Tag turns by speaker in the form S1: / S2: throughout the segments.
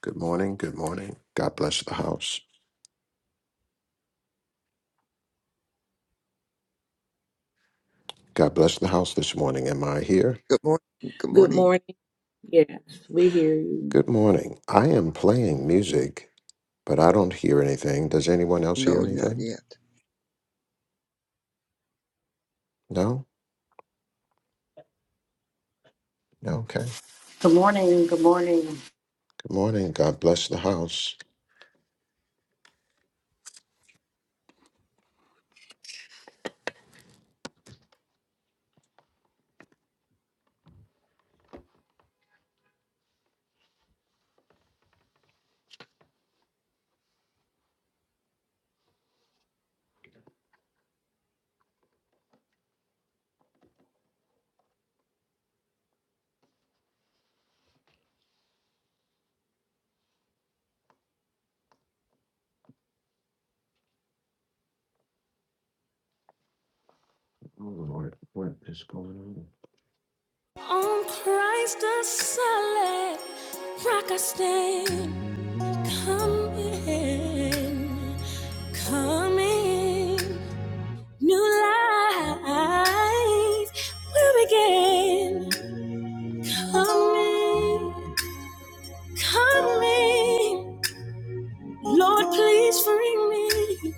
S1: Good morning. Good morning. God bless the house. God bless the house this morning. Am I here?
S2: Good morning. Good
S3: Good
S2: morning.
S3: morning. Yes, we hear you.
S1: Good morning. I am playing music, but I don't hear anything. Does anyone else
S2: No,
S1: hear
S2: not
S1: anything?
S2: yet.
S1: No? No? Okay.
S4: Good morning. Good morning.
S1: Good morning. God bless the house. Oh, Lord, what is going on?
S5: On Christ the solid rock I stand. Come in, come in. New life will begin. Come in, come in. Lord, please free me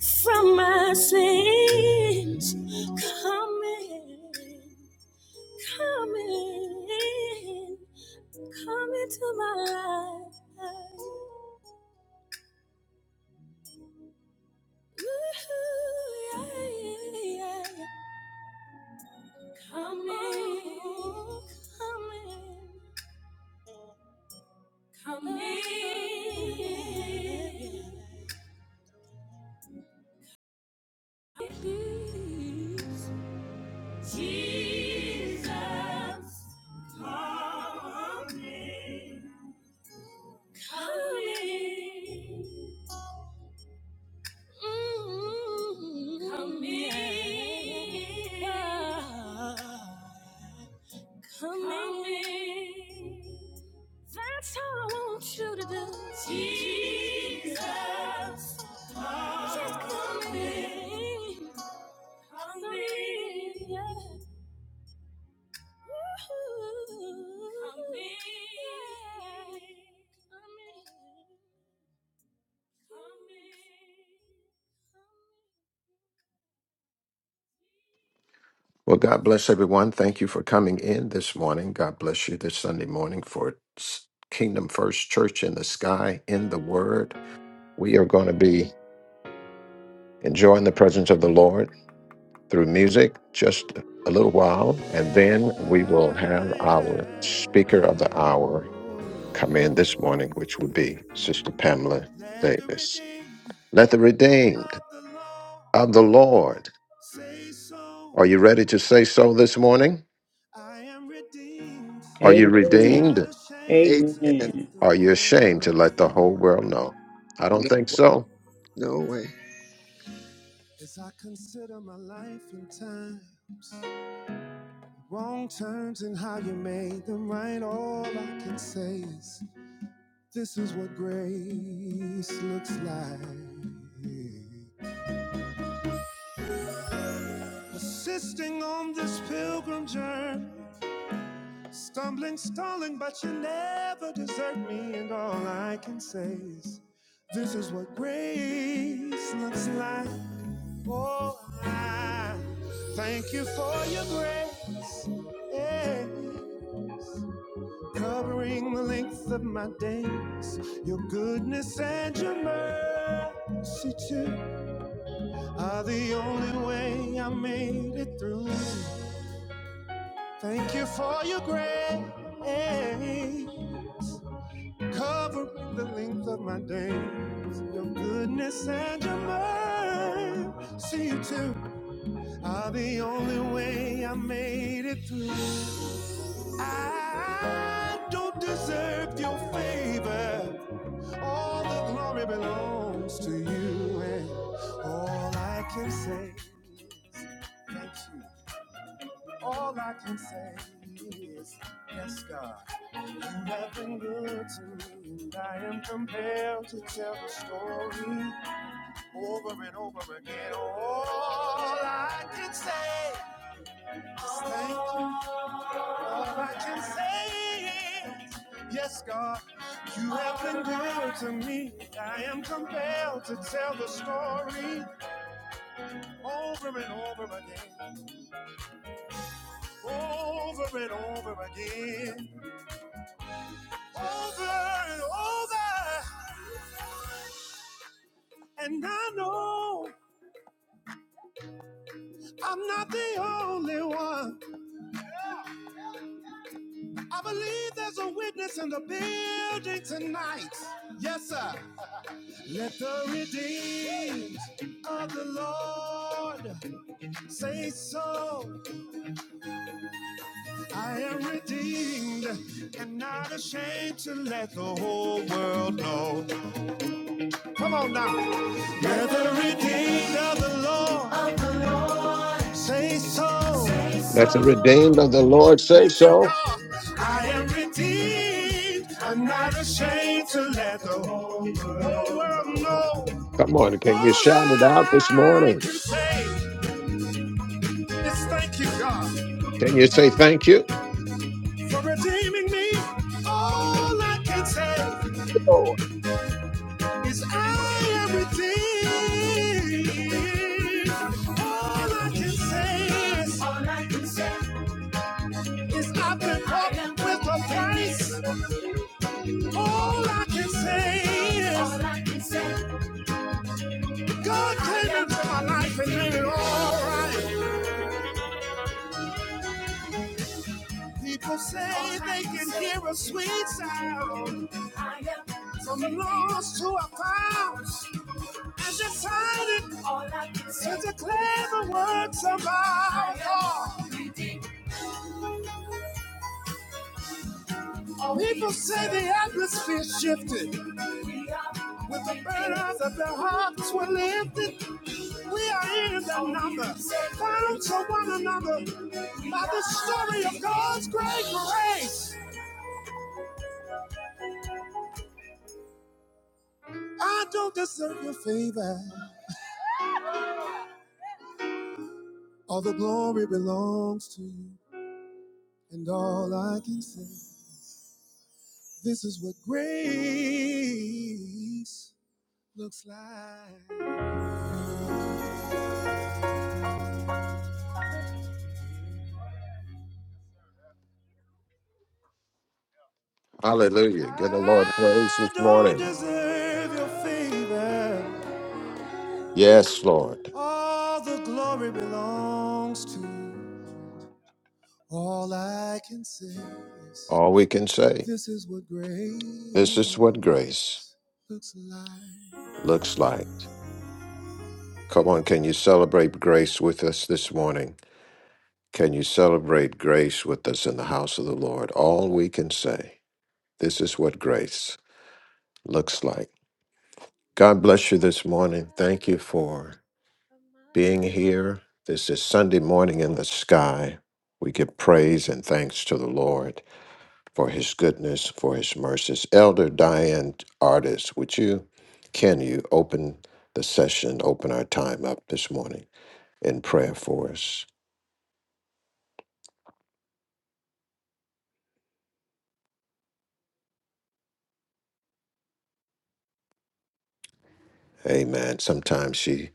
S5: from my sins. Come in, come in, come into my life. Ooh, yeah, yeah, yeah. Come in, come in, come in. Please. Jesus, coming, coming, mm coming, Ah, coming. That's all I want you to do. Jesus, just coming, coming, yeah. Come in. Come in. Come
S1: Well, God bless everyone. Thank you for coming in this morning. God bless you this Sunday morning for S- Kingdom First Church in the Sky, in the Word. We are going to be enjoying the presence of the Lord. through music just a little while,
S5: in. Yeah,
S1: and then we will have our
S5: yeah.
S1: speaker of the hour come in this morning, which would be Sister Pamela
S5: Let the
S1: Davis.
S5: redeemed
S1: Let the
S5: of
S1: redeemed
S5: the Lord
S1: of the Lord.
S5: say so.
S1: Are you ready to say so this morning?
S5: I am redeemed
S1: Are you
S5: and
S3: Amen.
S5: not
S1: redeemed?
S5: ashamed to
S2: Amen.
S5: let
S3: Amen.
S5: the
S1: Are you
S5: whole
S1: ashamed to
S5: world
S1: let the whole
S5: know.
S1: world know? I don't
S2: No,
S1: think so.
S2: no way.
S5: As I consider my life and times, Wrong turns and how you made them right. All I can say is this is what grace looks like. Persisting on this pilgrim journey, stumbling, stalling, but you never desert me. And all I can say is this is what grace looks like. Oh, I thank you for your grace. Yeah. covering the length of my days. Your goodness and your mercy too are the only way I made it through. Thank you for your grace, covering the length of my days. Your goodness and your mercy too are the only way I made it through. I don't deserve your favor. All the glory belongs to you, and all I can say, thank you. All I can say is, yes, God, you have been good to me, and I am compelled to tell the story over and over again. All I can say. Thank you. All I can say is, yes, God, you have been good to me. I am compelled to tell the story over and over again, over and over again, over and over. And I know I'm not the only one. I believe there's a witness in the building tonight. Yes, sir. Let the redeemed of the Lord say so. I am redeemed and not ashamed to let the whole world know. Come on now. Let the redeemed of the Lord of the Lord say so. Say
S1: Let the
S5: so.
S1: redeemed of the Lord say
S5: Thank you,
S1: so.
S5: God. I am redeemed. I'm not ashamed to let the whole world know.
S1: Come on,
S5: All
S1: can you shout it out this
S5: I
S1: morning?
S5: can say. Is thank you, God,
S1: Can you say thank you?
S5: for redeeming me. All I can say is I am redeemed. All I can say is, All I can say is I've been bought with a price. All I can say is, All I can say God came into my life and made it all right. People say they can hear a sweet sound. I am from lost to a found. I just heard it. All I can say. It's a clever words of our God. People say the atmosphere shifted. With the burdens of their hearts were lifted. We are in the number, bound to one another by the story of God's great grace. I don't deserve your favor. All the glory belongs to you, and all I can say. This is what grace looks like.
S1: Hallelujah. Give the Lord praise
S5: I
S1: this
S5: don't
S1: morning.
S5: deserve your favor.
S1: Yes, Lord.
S5: All the glory belongs to you. All I can say is,
S1: All we can say.
S5: this is what
S1: This is
S5: grace
S1: what grace
S5: looks like.
S1: looks like. Come on, can you celebrate grace with us this morning? Can you celebrate grace with us in the house of the Lord? All we can say. This is what grace looks like. God bless you this morning. Thank you for being here. This is Sunday morning in the sky. We give praise and thanks to the Lord for his goodness, for his mercies. Elder Diane Artis, would you, can you open the session, open our time up this morning in prayer for us? Amen. Sometimes she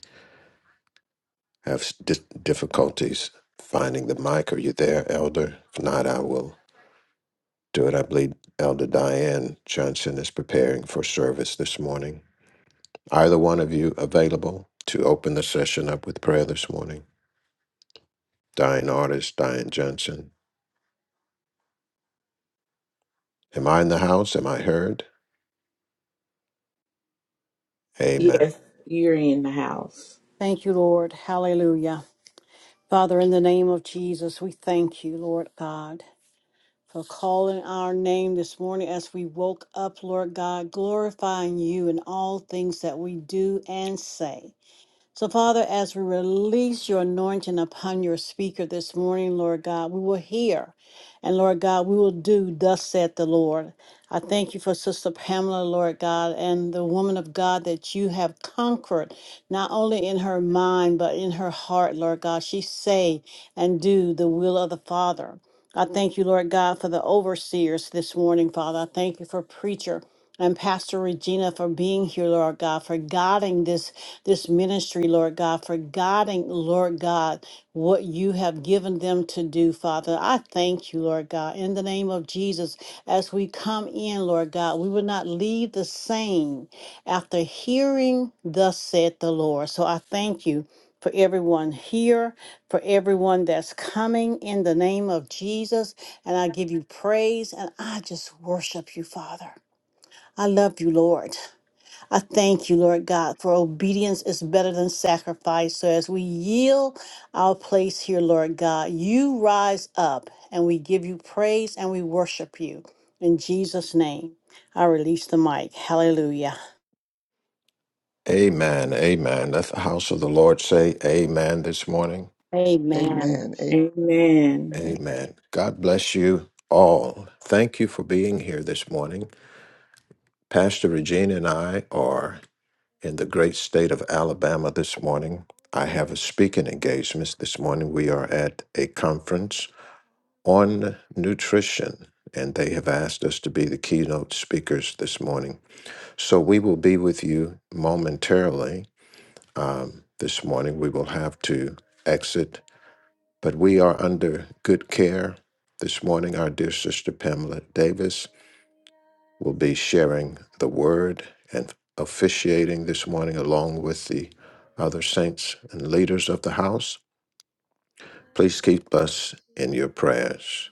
S1: has di- difficulties finding the mic. Are you there, Elder? If not, I will. do it. I believe Elder Diane Johnson is preparing for service this morning. Either one of you available to open the session up with prayer this morning? Diane Artist, Diane Johnson. Am I in the house? Am I heard? Amen.
S3: Yes, you're in the house.
S4: Thank you, Lord. Hallelujah. Father, in the name of Jesus, we thank you, Lord God, for calling our name this morning as we woke up, Lord God, glorifying you in all things that we do and say. So, Father, as we release your anointing upon your speaker this morning, Lord God, we will hear. And Lord God, we will do, thus saith the Lord. I thank you for Sister Pamela, Lord God, and the woman of God that you have conquered, not only in her mind, but in her heart, Lord God. She say and do the will of the Father. I thank you, Lord God, for the overseers this morning, Father. I thank you for preacher and Pastor Regina for being here, Lord God, for guiding this this ministry, Lord God, for guiding, Lord God, what you have given them to do, Father. I thank you, Lord God, in the name of Jesus. As we come in, Lord God, we will not leave the same after hearing, thus said the Lord. So I thank you. For everyone here, for everyone that's coming in the name of Jesus. And I give you praise and I just worship you, Father. I love you, Lord. I thank you, Lord God, for obedience is better than sacrifice. So as we yield our place here, Lord God, you rise up and we give you praise and we worship you. In Jesus' name, I release the mic. Hallelujah.
S1: Amen. Amen. Let the house of the Lord say amen this morning.
S4: Amen.
S2: Amen.
S3: Amen.
S2: Amen.
S1: Amen. God bless you all. Thank you for being here this morning. Pastor Regina and I are in the great state of Alabama this morning. I have a speaking engagement this morning. We are at a conference on nutrition, and they have asked us to be the keynote speakers this morning. So we will be with you momentarily. Um, this morning, we will have to exit, but we are under good care this morning, our dear sister Pamela Davis will be sharing the word and officiating this morning along with the other saints and leaders of the house. Please keep us in your prayers.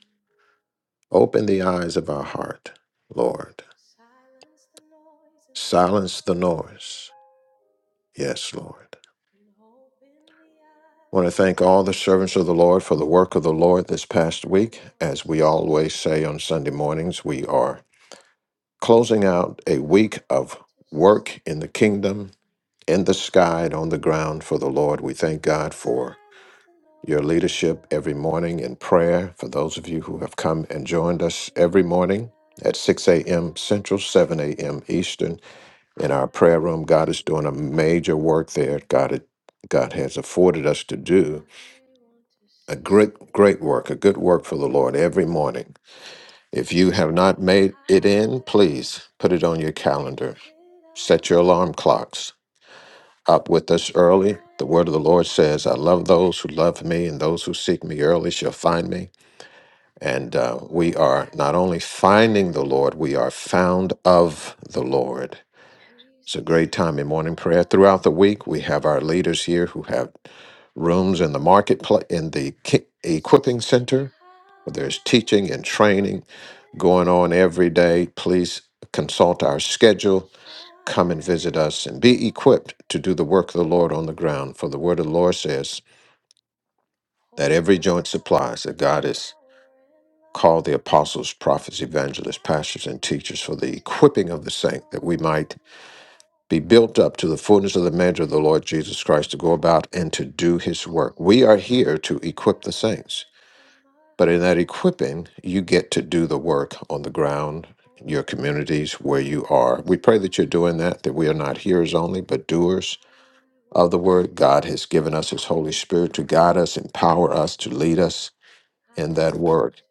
S1: Open the eyes of our heart, Lord. Silence the noise. Yes, Lord. I want to thank all the servants of the Lord for the work of the Lord this past week. As we always say on Sunday mornings, we are closing out a week of work in the kingdom in the sky and on the ground for the Lord. We thank God for your leadership every morning in prayer. For those of you who have come and joined us every morning at 6 a.m. Central, 7 a.m. Eastern in our prayer room, God is doing a major work there. God, God has afforded us to do a great, great work, a good work for the Lord every morning. If you have not made it in, please put it on your calendar. Set your alarm clocks up with us early. The word of the Lord says, I love those who love me, and those who seek me early shall find me. And uh, we are not only finding the Lord, we are found of the Lord. It's a great time in morning prayer. Throughout the week, we have our leaders here who have rooms in the marketplace, in the ki- equipping center. There's teaching and training going on every day. Please consult our schedule Come and visit us and be equipped to do the work of the Lord on the ground. For the word of the Lord says that every joint supplies that God has called the apostles, prophets, evangelists, pastors, and teachers for the equipping of the saint, that we might be built up to the fullness of the measure of the Lord Jesus Christ to go about and to do his work. We are here to equip the saints. But in that equipping, you get to do the work on the ground, in your communities, where you are. We pray that you're doing that, that we are not hearers only, but doers of the Word. God has given us His Holy Spirit to guide us, empower us, to lead us in that Word.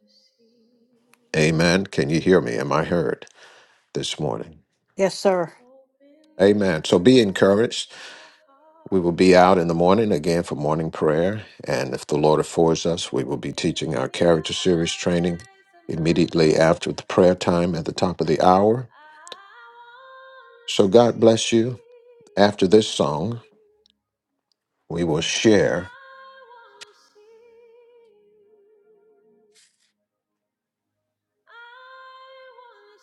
S1: Amen. Can you hear me? Am I heard this morning?
S4: Yes, sir.
S1: Amen. So be encouraged. We will be out in the morning again for morning prayer. And if the Lord affords us, we will be teaching our character series training immediately after the prayer time at the top of the hour. So God bless you. After this song, we will share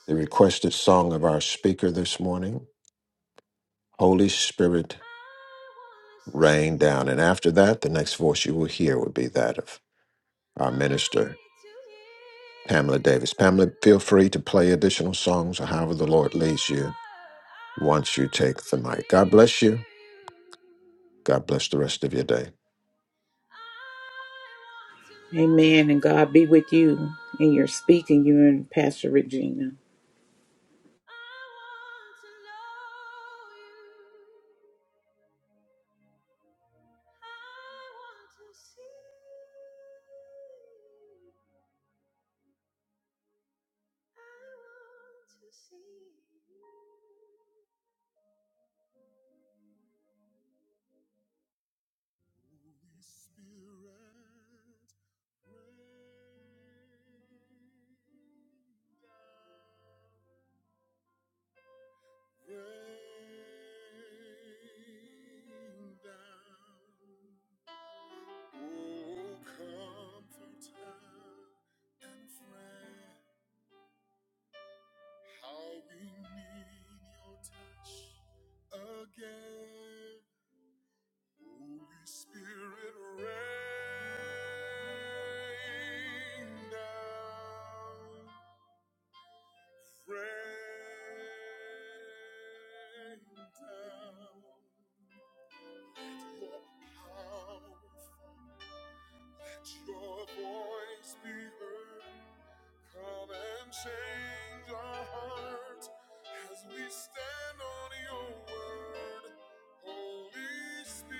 S1: the requested song of our speaker this morning, Holy Spirit Rained down. And after that, the next voice you will hear would be that of our minister, Pamela Davis. Pamela, feel free to play additional songs or however the Lord leads you once you take the mic. God bless you. God bless the rest of your day.
S3: Amen. And God be with you in your speaking. You and Pastor Regina.
S5: Holy Spirit, rain down, rain down. Oh, comforter and friend, how we need your touch again Holy Spirit, rain down, rain down. Let Your powerful, let your voice be heard. Come and change our hearts as we stand on your word. Holy Spirit,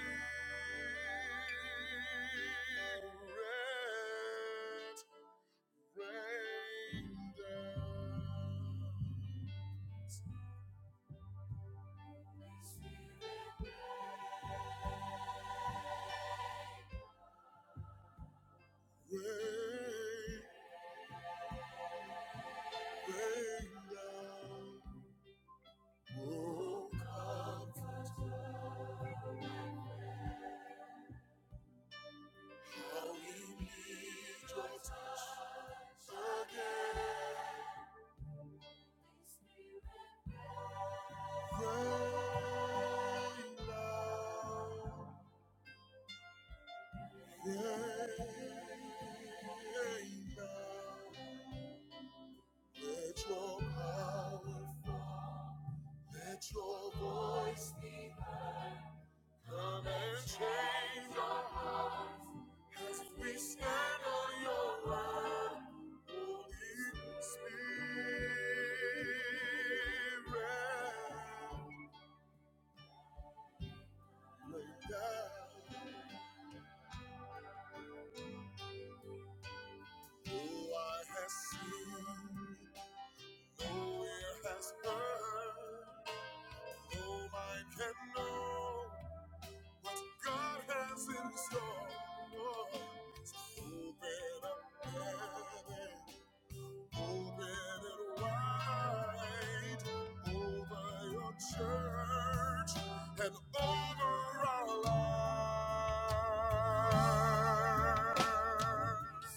S5: rain down. Rain, rain down. Oh, comfort, how we need your touch again. They love, they love. Let your power fall. Let your voice be heard. Come and change our hearts as we stand on your word. Holy Spirit. Lay down. Oh, I have seen, no ear has heard, no mind can know what God has in store. So open up heaven, open it wide over your church and over our lives.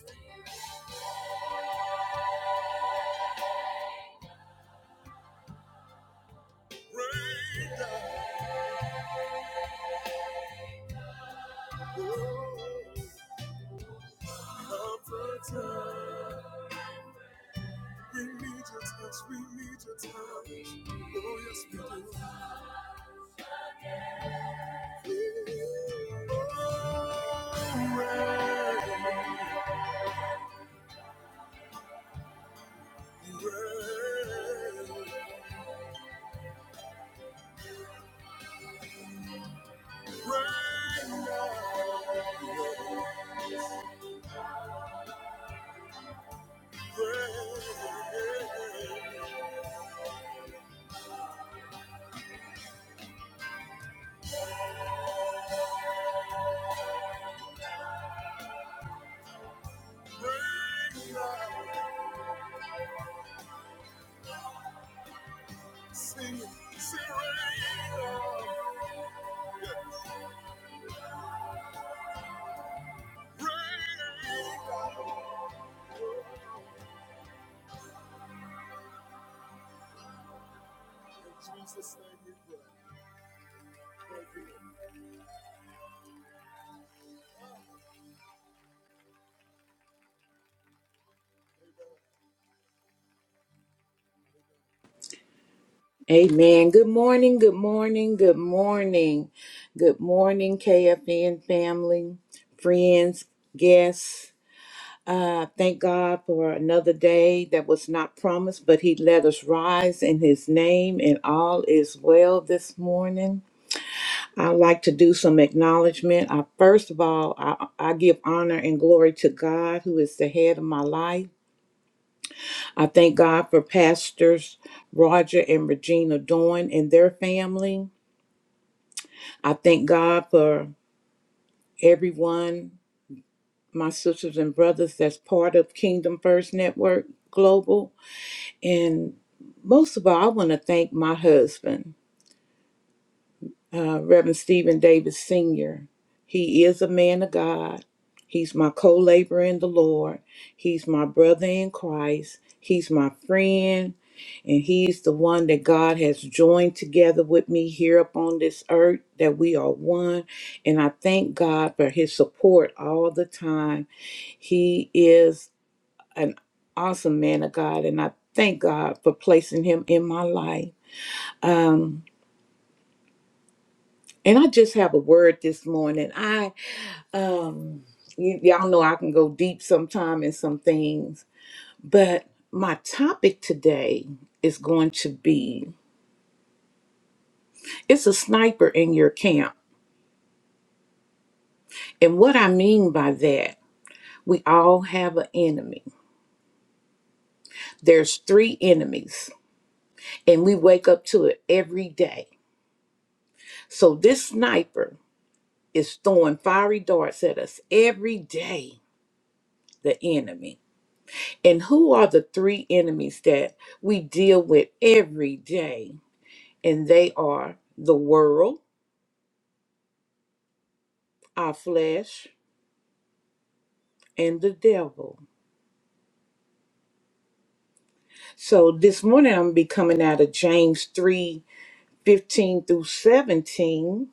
S5: Rain down. Comforter. We need your touch, we need your touch. Oh, yes, we do. Oh, rain, rain, rain now. Rain, rain now. Sing, it, sing, rain now. Rain in Jesus, name we pray. Thank you.
S3: Amen. Good morning. Good morning. Good morning. Good morning, KFN family, friends, guests. Uh, thank God for another day that was not promised, but He let us rise in His name, and all is well this morning. I'd like to do some acknowledgement. I, first of all, I, I give honor and glory to God, who is the head of my life. I thank God for Pastors Roger and Regina Doyne and their family. I thank God for everyone, my sisters and brothers, that's part of Kingdom First Network Global. And most of all, I want to thank my husband, uh, Reverend Stephen Davis Sr. He is a man of God. He's my co laborer in the Lord. He's my brother in Christ. He's my friend. And he's the one that God has joined together with me here upon this earth, that we are one. And I thank God for his support all the time. He is an awesome man of God, and I thank God for placing him in my life. And I just have a word this morning. I um y- y'all know I can go deep sometime in some things, but my topic today is going to be it's a sniper in your camp. And what I mean by that, we all have an enemy. There's three enemies, and we wake up to it every day. So this sniper is throwing fiery darts at us every day, the enemy. And who are the three enemies that we deal with every day? And they are the world, our flesh, and the devil. So this morning I'm gonna be coming out of James 3 15 through 17.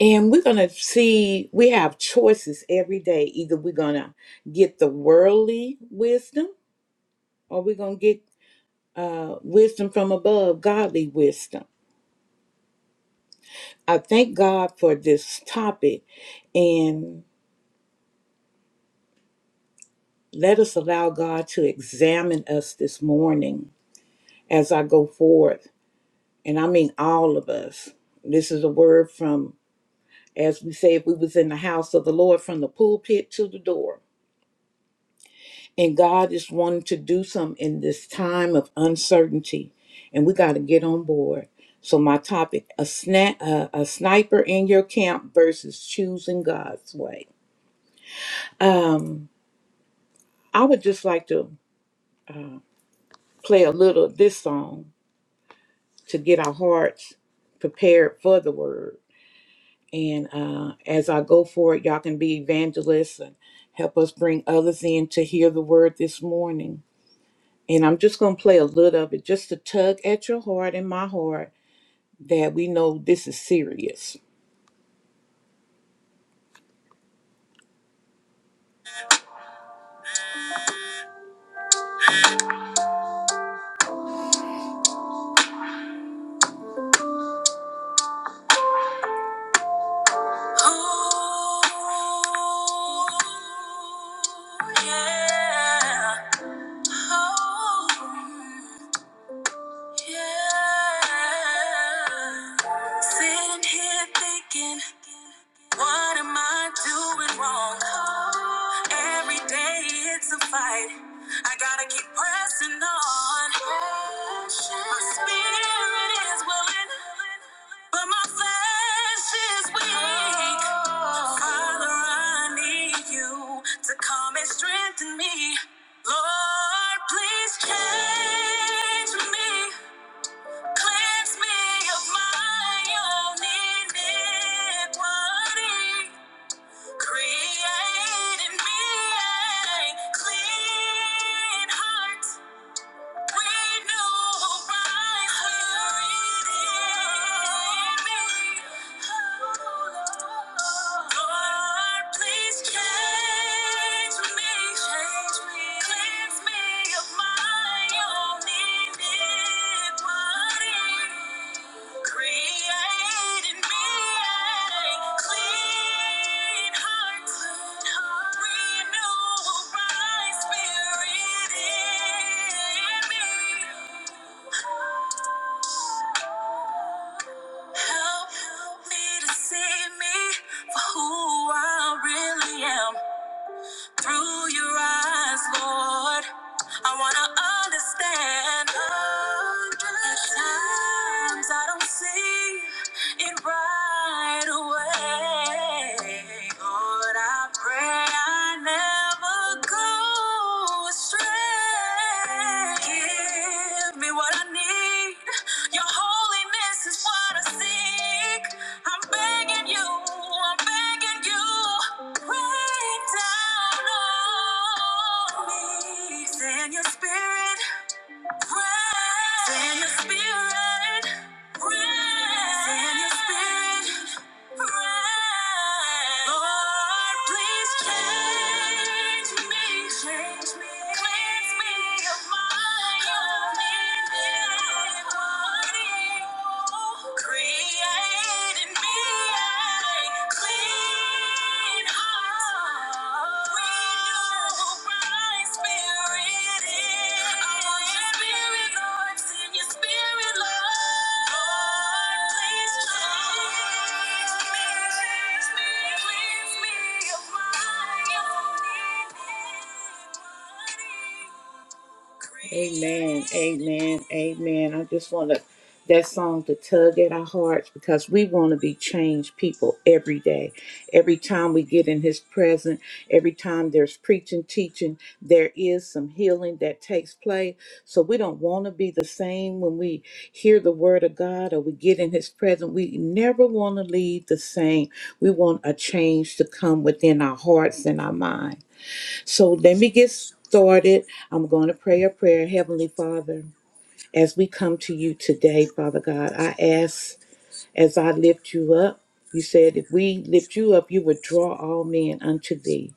S3: And we're gonna see we have choices every day. Either we're gonna get the worldly wisdom, or we're gonna get uh, wisdom from above, godly wisdom. I thank God for this topic and let us allow God to examine us this morning as I go forth. And I mean all of us. This is a word from, as we say, if we was in the house of the Lord from the pulpit to the door. And God is wanting to do something in this time of uncertainty. And we got to get on board. So, my topic a, sna- uh, a sniper in your camp versus choosing God's way. Um, I would just like to play a little of this song to get our hearts prepared for the word. And uh, as I go for it, y'all can be evangelists and help us bring others in to hear the word this morning. And I'm just going to play a little of it just to tug at your heart and my heart that we know this is serious. Oh, yeah. Oh, Yeah. Sitting here thinking, what am I doing wrong? Every day it's a fight. I gotta keep pressing on. My spirit is willing, but my flesh is weak. Father, I need you to come and strengthen me. Lord, please change me. Cleanse me of my own iniquity. Create me a clean heart. Create Help me to see me for who I really am through your eyes, Lord. I wanna understand. At times I don't see it right away. Lord, I pray I never go astray. Give me what I need. Your holiness is what I seek. I'm begging you, I'm begging you. Rain down on me. Send your spirit. Send your spirit. Send your spirit. Lord, please change me. Change me. Cleanse me of my own iniquity. Create in me a clean heart. Amen, amen, amen. I just want to that song to tug at our hearts because we want to be changed people every day. Every time we get in his presence, every time there's preaching, teaching, there is some healing that takes place. So we don't want to be the same when we hear the word of God or we get in his presence. We never want to leave the same. We want a change to come within our hearts and our mind. So let me get started. I'm going to pray a prayer, Heavenly Father as we come to you today, Father God, I ask as I lift you up. You said if we lift you up, you would draw all men unto thee.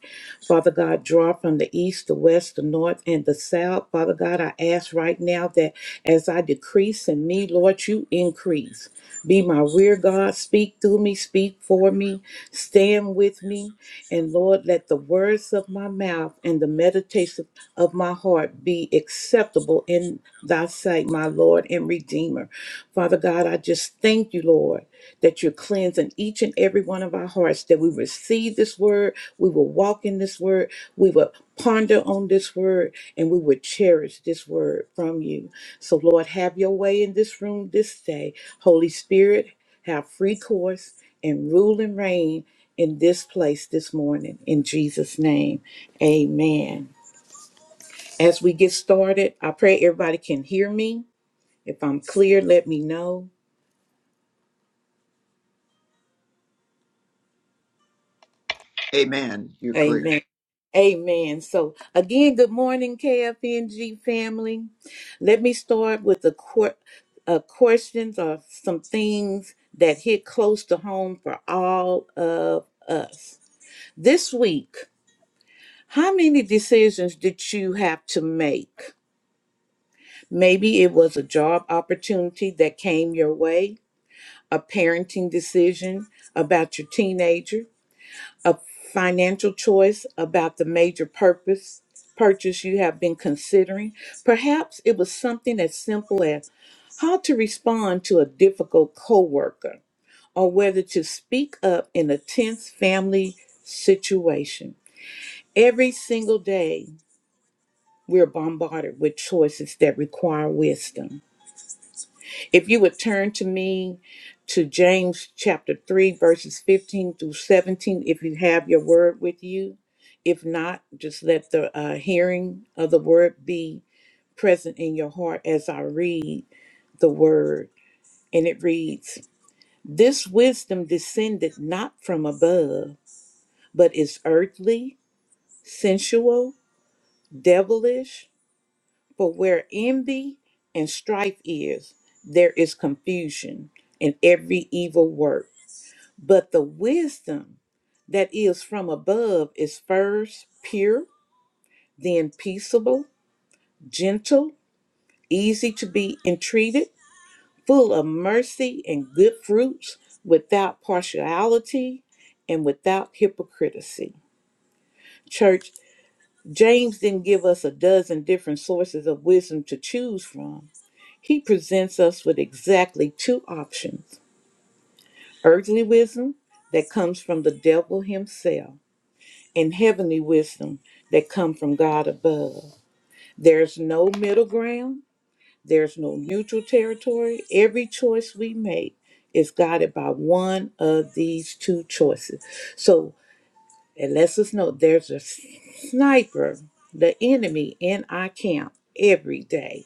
S3: Father God, draw from the east, the west, the north, and the south. Father God, I ask right now that as I decrease in me, Lord, you increase. Be my rear guard. Speak through me. Speak for me. Stand with me. And Lord, let the words of my mouth and the meditation of my heart be acceptable in thy sight, my Lord and Redeemer. Father God, I just thank you, Lord that you're cleansing each and every one of our hearts, that we receive this word, we will walk in this word, we will ponder on this word, and we will cherish this word from you. So, Lord, have your way in this room this day. Holy Spirit, have free course and rule and reign in this place this morning. In Jesus' name, amen. As we get started, I pray everybody can hear me. If I'm clear, let me know.
S2: Amen. You're clear.
S3: Amen. Amen. So again, good morning, KFNG family. Let me start with the qu- uh, questions or some things that hit close to home for all of us. This week, how many decisions did you have to make? Maybe it was a job opportunity that came your way, a parenting decision about your teenager, a financial choice about the major purpose purchase you have been considering. Perhaps it was something as simple as how to respond to a difficult coworker or whether to speak up in a tense family situation. Every single day, we're bombarded with choices that require wisdom. If you would turn to me to James chapter 3, verses 15 through 17, if you have your word with you. If not, just let the uh, hearing of the word be present in your heart as I read the word. And it reads This wisdom descended not from above, but is earthly, sensual, devilish. For where envy and strife is, there is confusion and every evil work. But the wisdom that is from above is first pure, then peaceable, gentle, easy to be entreated, full of mercy and good fruits, without partiality and without hypocrisy. Church, James didn't give us a dozen different sources of wisdom to choose from. He presents us with exactly two options earthly wisdom that comes from the devil himself and heavenly wisdom that come from God above. There's no middle ground, there's no neutral territory. Every choice we make is guided by one of these two choices. So it lets us know there's a sniper, the enemy in our camp every day.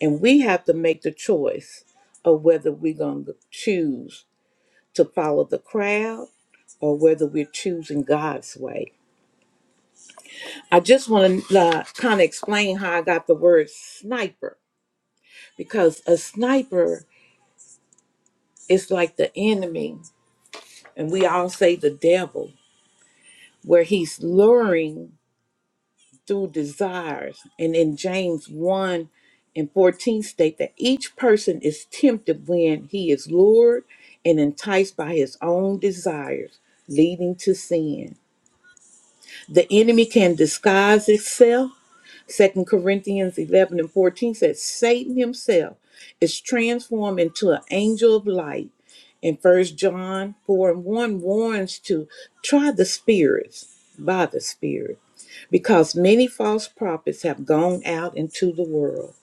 S3: And we have to make the choice of whether we're going to choose to follow the crowd or whether we're choosing God's way. I just want to uh, kind of explain how I got the word sniper because a sniper is like the enemy, and we all say the devil, where he's luring through desires. And in James 1 and 14 state that each person is tempted when he is lured and enticed by his own desires, leading to sin. The enemy can disguise itself Second Corinthians 11 and 14 says, Satan himself is transformed into an angel of light. And First John 4 and 1 warns to try the spirits by the spirit because many false prophets have gone out into the world.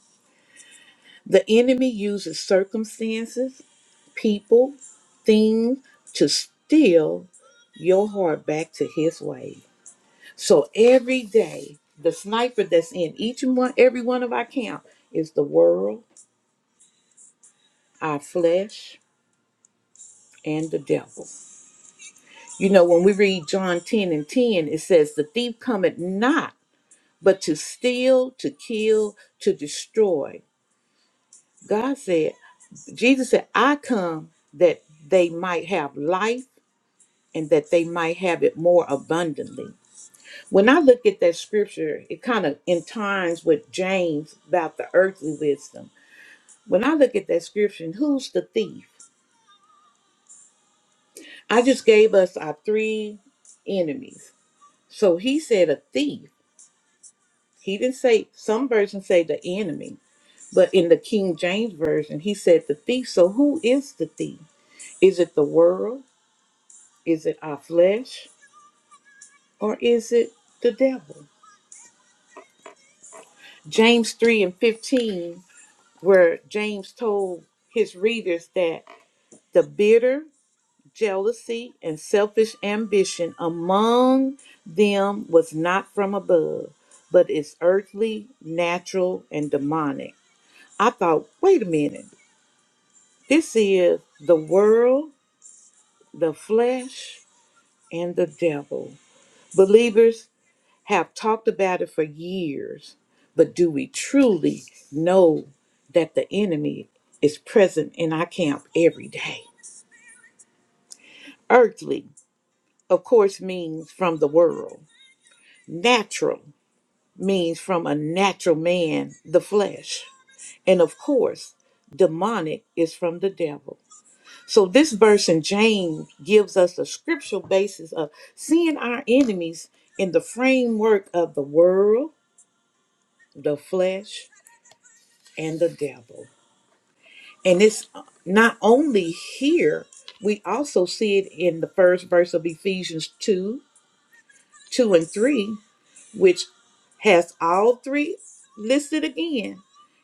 S3: The enemy uses circumstances, people, things to steal your heart back to his way. So every day, the sniper that's in each and one, every one of our camp is the world, our flesh, and the devil. You know, when we read John 10 and 10, it says, The thief cometh not but to steal, to kill, to destroy. God said, Jesus said, I come that they might have life and that they might have it more abundantly. When I look at that scripture, it kind of entines with James about the earthly wisdom When I look at that scripture, and who's the thief? I just gave us our three enemies. So he said a thief. He didn't say, some versions say the enemy, but in the King James Version, he said the thief. So who is the thief? Is it the world? Is it our flesh? Or is it the devil? James 3 and 15, where James told his readers that the bitter jealousy, and selfish ambition among them was not from above, but is earthly, natural, and demonic. I thought, wait a minute, this is the world, the flesh, and the devil. Believers have talked about it for years, but do we truly know that the enemy is present in our camp every day? Earthly, of course, means from the world. Natural means from a natural man, the flesh. And of course, demonic is from the devil. So this verse in James gives us a scriptural basis of seeing our enemies in the framework of the world, the flesh, and the devil. And it's not only here, we also see it in the first verse of Ephesians 2, 2 and 3. which has all three listed again.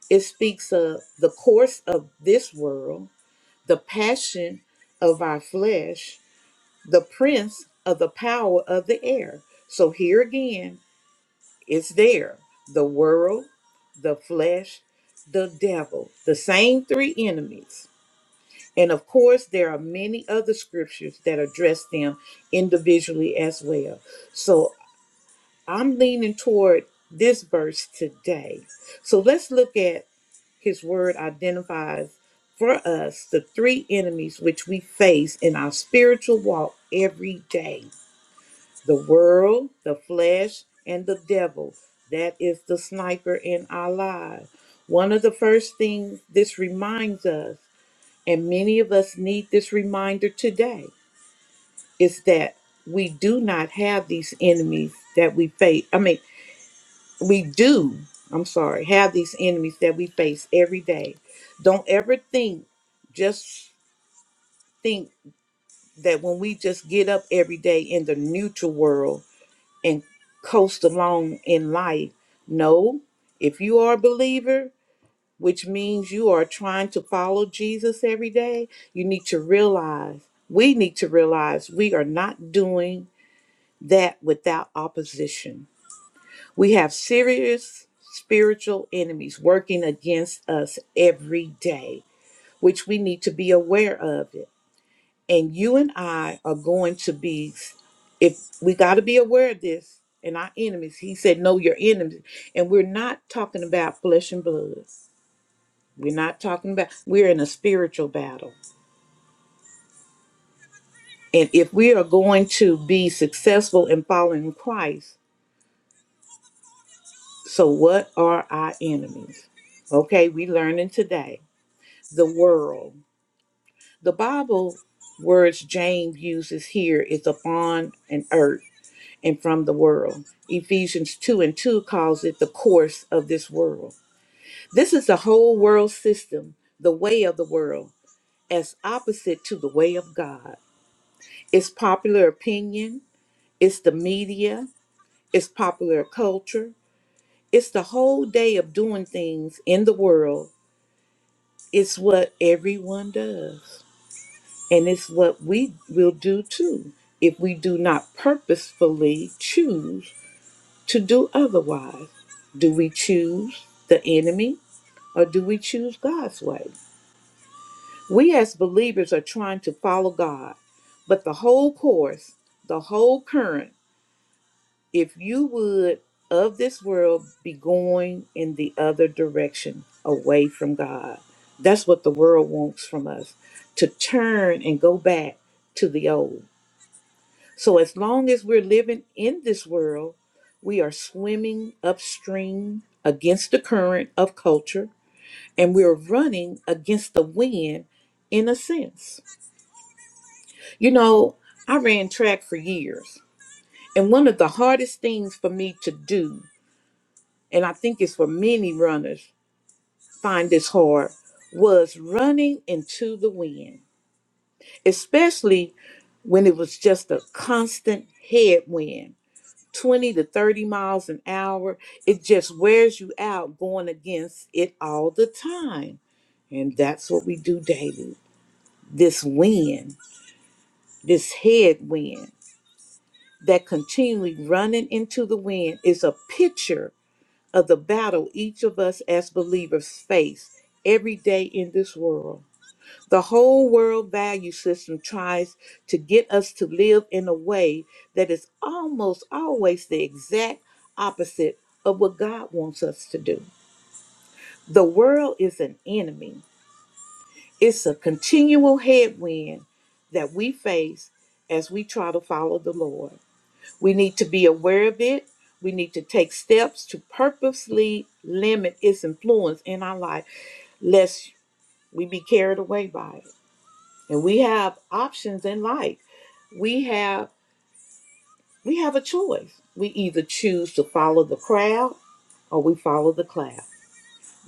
S3: It speaks of the course of this world, the passion of our flesh, the prince of the power of the air. So here again, it's there the world, the flesh, the devil, the same three enemies. And of course, there are many other scriptures that address them individually as well. So I'm leaning toward this verse today. So let's look at his word identifies for us the three enemies which we face in our spiritual walk every day the world, the flesh, and the devil. That is the sniper in our lives. One of the first things this reminds us, and many of us need this reminder today, is that we do not have these enemies that we face. I mean, we do i'm sorry have these enemies that we face every day don't ever think just think that when we just get up every day in the neutral world and coast along in life no if you are a believer which means you are trying to follow jesus every day you need to realize we need to realize we are not doing that without opposition We have serious spiritual enemies working against us every day, which we need to be aware of it. And you and I are going to be, if we got to be aware of this and our enemies, he said, know your enemies. And we're not talking about flesh and blood. We're not talking about, we're in a spiritual battle. And if we are going to be successful in following Christ, so what are our enemies? Okay, we learning today the world. The Bible words James uses here is upon and earth and from the world. Ephesians 2 and 2 calls it the course of this world. This is the whole world system, the way of the world, as opposite to the way of God. It's popular opinion, it's the media, it's popular culture, it's the whole day of doing things in the world. It's what everyone does. And it's what we will do too if we do not purposefully choose to do otherwise. Do we choose the enemy or do we choose God's way? We as believers are trying to follow God, but the whole course, the whole current, if you would, of this world be going in the other direction away from God. That's what the world wants from us to turn and go back to the old. So, as long as we're living in this world, we are swimming upstream against the current of culture and we're running against the wind in a sense. You know, I ran track for years, and one of the hardest things for me to do, and I think it's for many runners, find this hard, was running into the wind, especially when it was just a constant headwind 20 to 30 miles an hour. It just wears you out going against it all the time. And that's what we do daily. This wind, this headwind that continually running into the wind is a picture of the battle each of us as believers face every day in this world. The whole world value system tries to get us to live in a way that is almost always the exact opposite of what God wants us to do. The world is an enemy, it's a continual headwind that we face as we try to follow the Lord. We need to be aware of it. We need to take steps to purposely limit its influence in our life, lest we be carried away by it. and we have options in life we have we have a choice we either choose to follow the crowd or we follow the cloud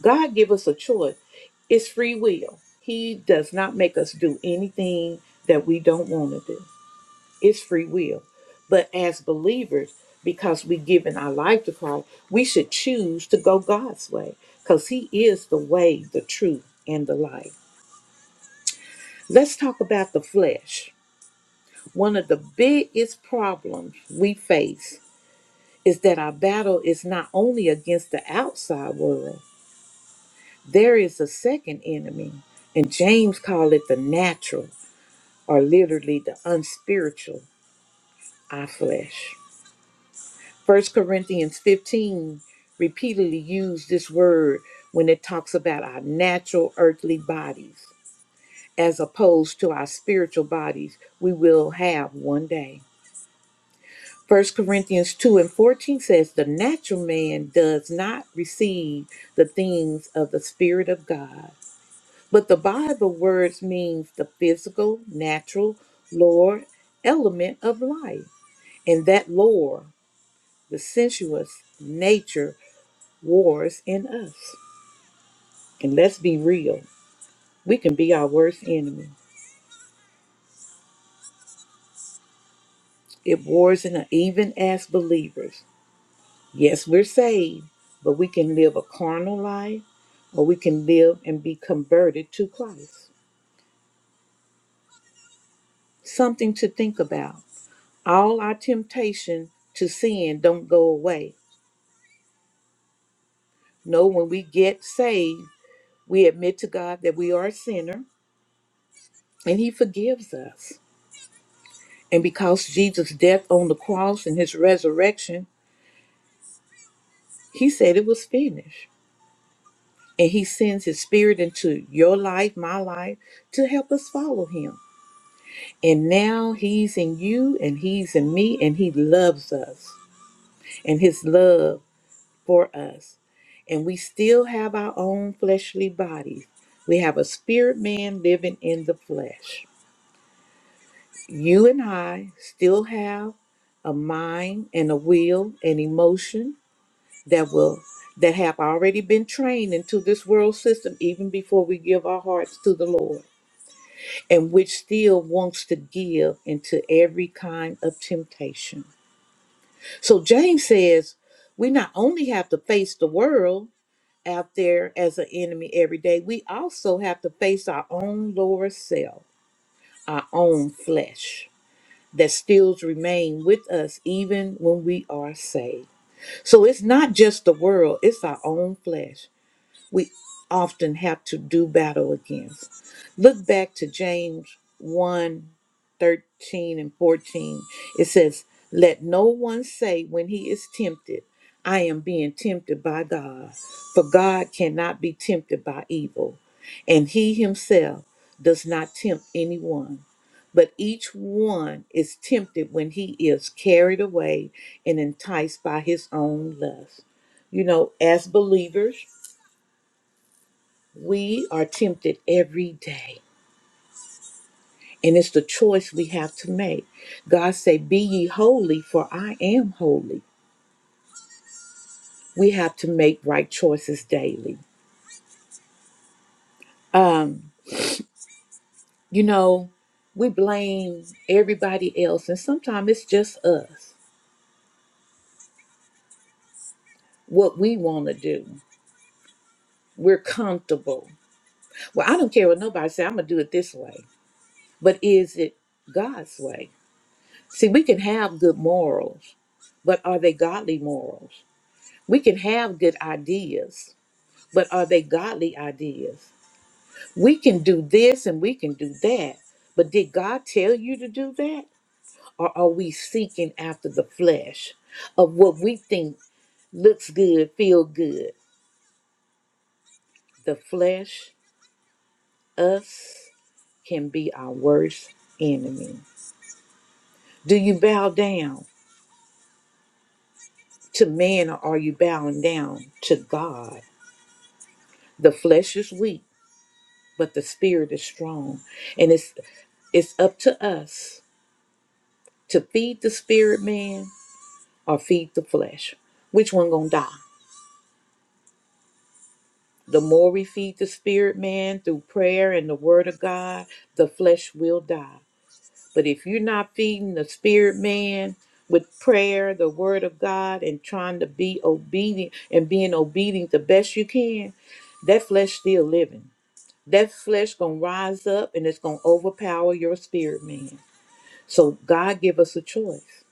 S3: god give us a choice it's free will he does not make us do anything that we don't want to do it's free will but as believers because we given our life to christ we should choose to go god's way because he is the way the truth and the life let's talk about the flesh One of the biggest problems we face is that our battle is not only against the outside world, there is a second enemy, and James called it the natural, or literally the unspiritual, our flesh. First Corinthians 15 repeatedly used this word when it talks about our natural earthly bodies, as opposed to our spiritual bodies we will have one day. First Corinthians 2 and 14 says, The natural man does not receive the things of the Spirit of God. But the Bible words means the physical, natural, lower element of life. And that lower, the sensuous nature wars in us. And let's be real, we can be our worst enemy. It wars in us, even as believers. Yes, we're saved, but we can live a carnal life or we can live and be converted to Christ. Something to think about. All our temptation to sin don't go away. No, when we get saved, we admit to God that we are a sinner and he forgives us. And because Jesus' death on the cross and his resurrection, he said it was finished. And he sends his spirit into your life, my life, to help us follow him. And now he's in you and he's in me and he loves us and his love for us. And we still have our own fleshly bodies. We have a spirit man living in the flesh. You and I still have a mind and a will and emotion that will that have already been trained into this world system even before we give our hearts to the Lord and which still wants to give into every kind of temptation. So James says we not only have to face the world out there as an enemy every day, we also have to face our own lower self, our own flesh that still remain with us even when we are saved. So it's not just the world, it's our own flesh we often have to do battle against. Look back to James one 13 and 14. It says, Let no one say when he is tempted, I am being tempted by God, for God cannot be tempted by evil, and he himself does not tempt anyone. But each one is tempted when he is carried away and enticed by his own lust. You know, as believers, we are tempted every day, and it's the choice we have to make. God say, "Be ye holy, for I am holy." We have to make right choices daily. Um, you know, we blame everybody else, and sometimes it's just us. What we want to do, we're comfortable. Well, I don't care what nobody say. I'm gonna do it this way, but is it God's way? See, we can have good morals, but are they godly morals? We can have good ideas, but are they godly ideas? We can do this and we can do that, but did God tell you to do that? Or are we seeking after the flesh of what we think looks good, feel good? The flesh, us, can be our worst enemy. Do you bow down to man or are you bowing down to God? The flesh is weak, but the spirit is strong. And it's it's up to us to feed the spirit man or feed the flesh which one gonna die the more we feed the spirit man through prayer and the word of god the flesh will die but if you're not feeding the spirit man with prayer the word of god and trying to be obedient and being obedient the best you can that flesh still living that flesh gonna rise up and it's gonna overpower your spirit man so god give us a choice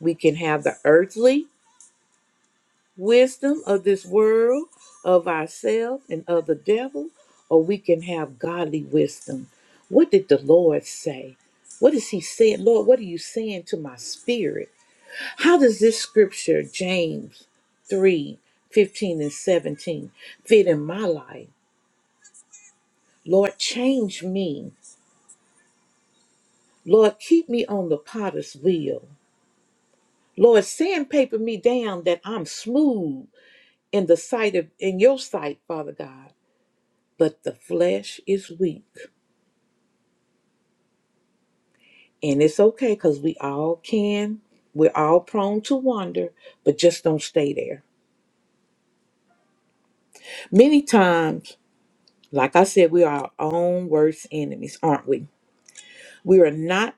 S3: we can have the earthly wisdom of this world, of ourselves, and of the devil, or we can have godly wisdom. What did the Lord say? What is He saying? Lord, what are you saying to my spirit? How does this scripture, James 3 15 and 17, fit in my life? Lord, change me. Lord, keep me on the potter's wheel. Lord, sandpaper me down that I'm smooth in the sight of in your sight, Father God. but the flesh is weak. And it's okay because we all can, we're all prone to wander, but just don't stay there. Many times, like I said, we are our own worst enemies, aren't we? We are not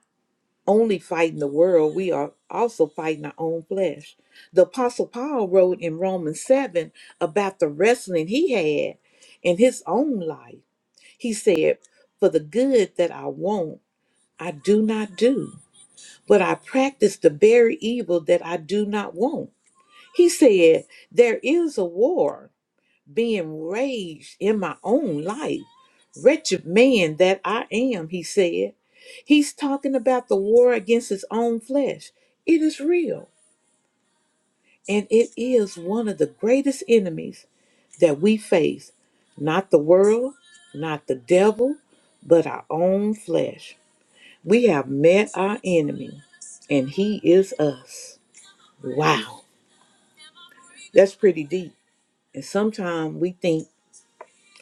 S3: only fighting the world, we are also fighting our own flesh. The Apostle Paul wrote in Romans 7 about the wrestling he had in his own life. He said, For the good that I want, I do not do but I practice the very evil that I do not want. He said, There is a war being raged in my own life. Wretched man that I am, he said. He's talking about the war against his own flesh. It is real, and it is one of the greatest enemies that we face. Not the world, not the devil, but our own flesh. We have met our enemy, and he is us. Wow, that's pretty deep. And sometimes we think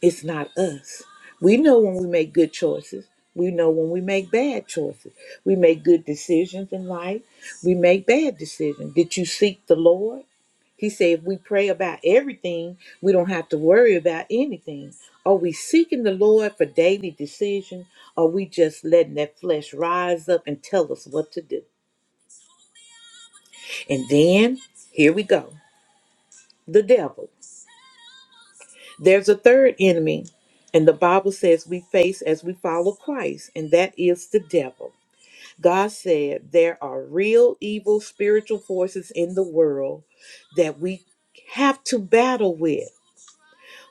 S3: it's not us. We know when we make good choices. We know when we make bad choices. We make good decisions in life. We make bad decisions. Did you seek the Lord? He said, if we pray about everything, we don't have to worry about anything. Are we seeking the Lord for daily decisions? Are we just letting that flesh rise up and tell us what to do? And then here we go the devil. There's a third enemy, and the Bible says we face as we follow Christ, and that is the devil. God said there are real evil spiritual forces in the world that we have to battle with.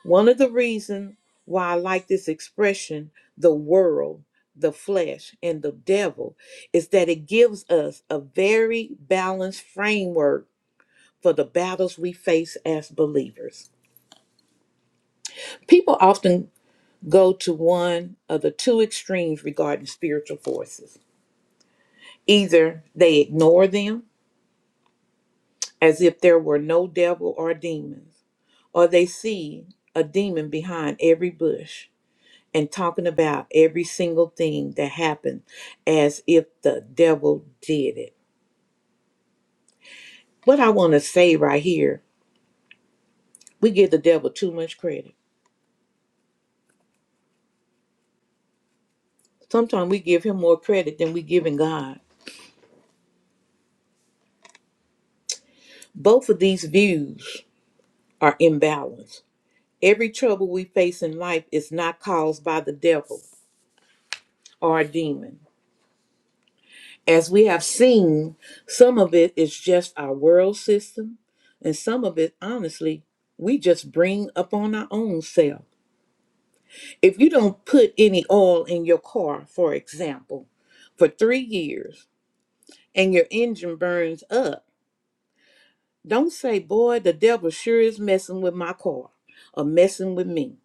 S3: One of the reasons why I like this expression, the world, the flesh, and the devil, is that it gives us a very balanced framework for the battles we face as believers. People often go to one of the two extremes regarding spiritual forces. Either they ignore them as if there were no devil or demons, or they see a demon behind every bush and talking about every single thing that happened as if the devil did it. What I want to say right here, we give the devil too much credit. Sometimes we give him more credit than we give in God. Both of these views are imbalanced Every trouble we face in life is not caused by the devil or a demon. As we have seen, some of it is just our world system, and some of it, honestly, we just bring upon our own self. If you don't put any oil in your car, for example, for three years and your engine burns up, don't say, Boy, the devil sure is messing with my car or messing with me.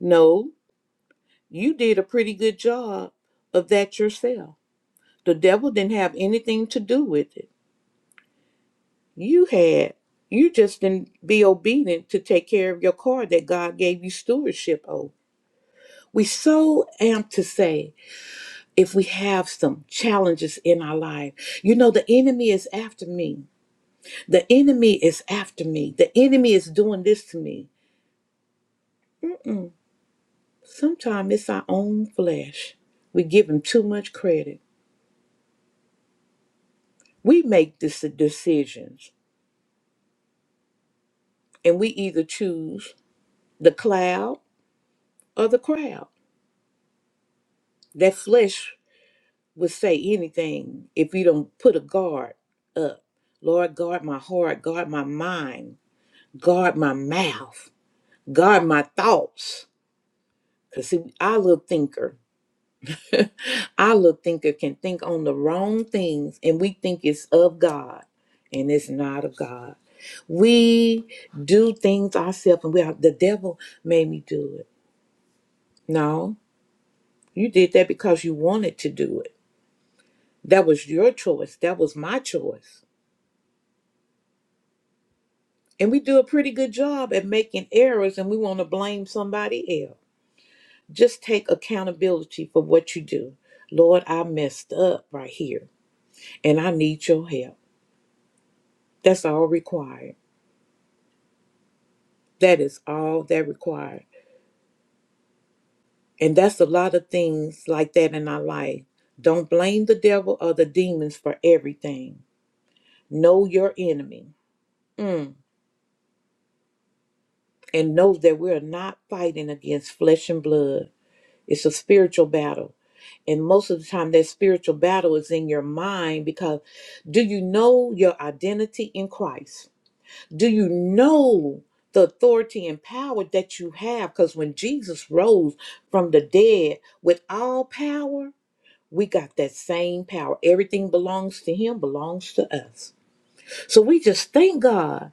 S3: No, you did a pretty good job of that yourself. The devil didn't have anything to do with it. You had. You just didn't be obedient to take care of your car that God gave you stewardship over. We so amped to say if we have some challenges in our life, you know, the enemy is after me. The enemy is after me. The enemy is doing this to me. Mm. Sometimes it's our own flesh. We give him too much credit. We make these decisions and we either choose the cloud or the crowd. That flesh would say anything if you don't put a guard up. Lord, guard my heart, guard my mind, guard my mouth, guard my thoughts. Because, see, our little thinker, our little thinker can think on the wrong things and we think it's of God and it's not of God. We do things ourselves and we are, the devil made me do it. No, you did that because you wanted to do it. That was your choice. That was my choice. And we do a pretty good job at making errors and we want to blame somebody else. Just take accountability for what you do. Lord, I messed up right here and I need your help. That's all required. That is all that required. And that's a lot of things like that in our life. Don't blame the devil or the demons for everything. Know your enemy. Mm. And know that we're not fighting against flesh and blood. It's a spiritual battle. And most of the time, that spiritual battle is in your mind because do you know your identity in Christ? Do you know the authority and power that you have? Because when Jesus rose from the dead with all power, we got that same power. Everything belongs to Him, belongs to us. So we just thank God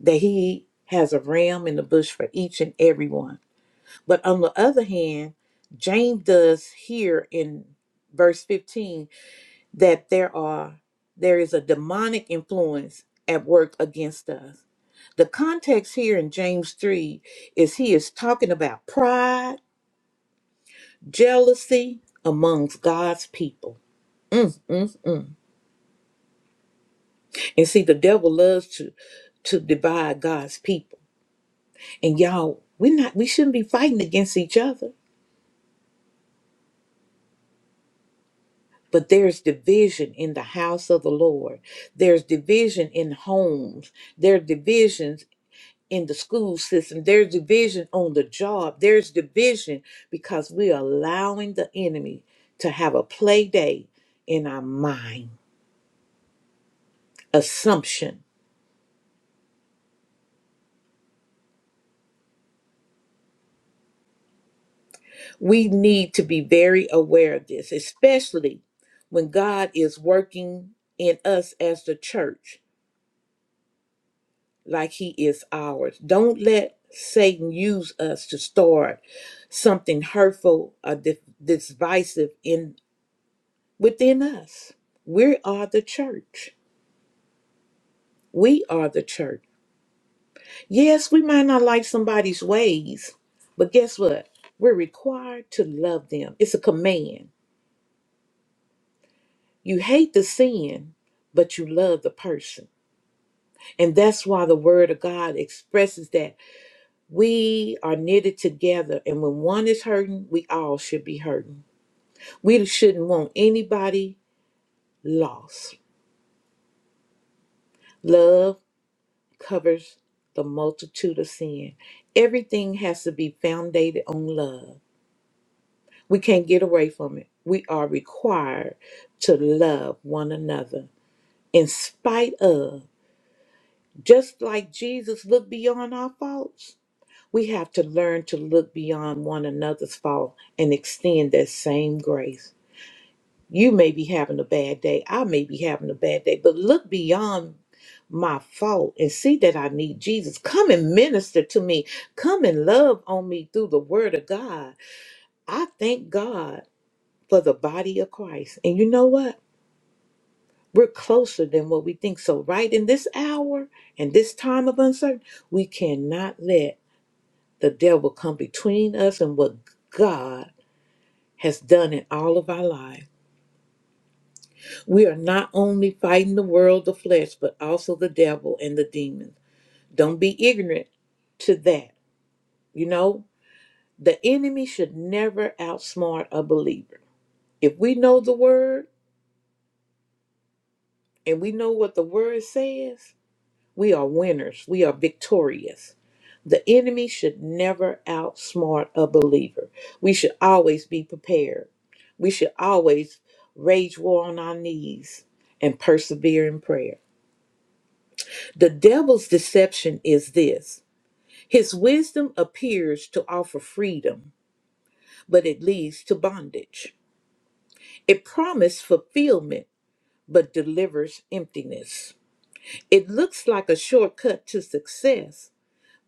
S3: that He has a ram in the bush for each and every one. But on the other hand, James does here in verse 15 that there are there is a demonic influence at work against us. The context here in James 3 is he is talking about pride, jealousy amongst God's people. Mm, mm, mm. And see, the devil loves to to divide God's people. And y'all, we're not we shouldn't be fighting against each other But there's division in the house of the Lord. There's division in homes. There's divisions in the school system. There's division on the job. There's division because we're allowing the enemy to have a play day in our mind. Assumption. We need to be very aware of this, especially when God is working in us as the church. like he is ours. Don't let Satan use us to start something hurtful or di- divisive in within us. We are the church. We are the church. Yes, we might not like somebody's ways, but guess what? We're required to love them. It's a command. You hate the sin, but you love the person. And that's why the word of God expresses that We are knitted together, and when one is hurting, we all should be hurting. We shouldn't want anybody lost. Love covers the multitude of sin. Everything has to be founded on love. We can't get away from it. We are required to love one another in spite of. Just like Jesus looked beyond our faults, we have to learn to look beyond one another's fault and extend that same grace. You may be having a bad day. I may be having a bad day, but look beyond my fault and see that I need Jesus. Come and minister to me. Come and love on me through the word of God. I thank God for the body of Christ. And you know what? We're closer than what we think. So, right in this hour and this time of uncertainty, we cannot let the devil come between us and what God has done in all of our lives. We are not only fighting the world, the flesh, but also the devil and the demons. Don't be ignorant to that. You know, the enemy should never outsmart a believer. If we know the word and we know what the word says, we are winners, we are victorious. The enemy should never outsmart a believer. We should always be prepared. We should always rage war on our knees and persevere in prayer. The devil's deception is this his wisdom appears to offer freedom, but it leads to bondage. It promises fulfillment, but delivers emptiness. It looks like a shortcut to success,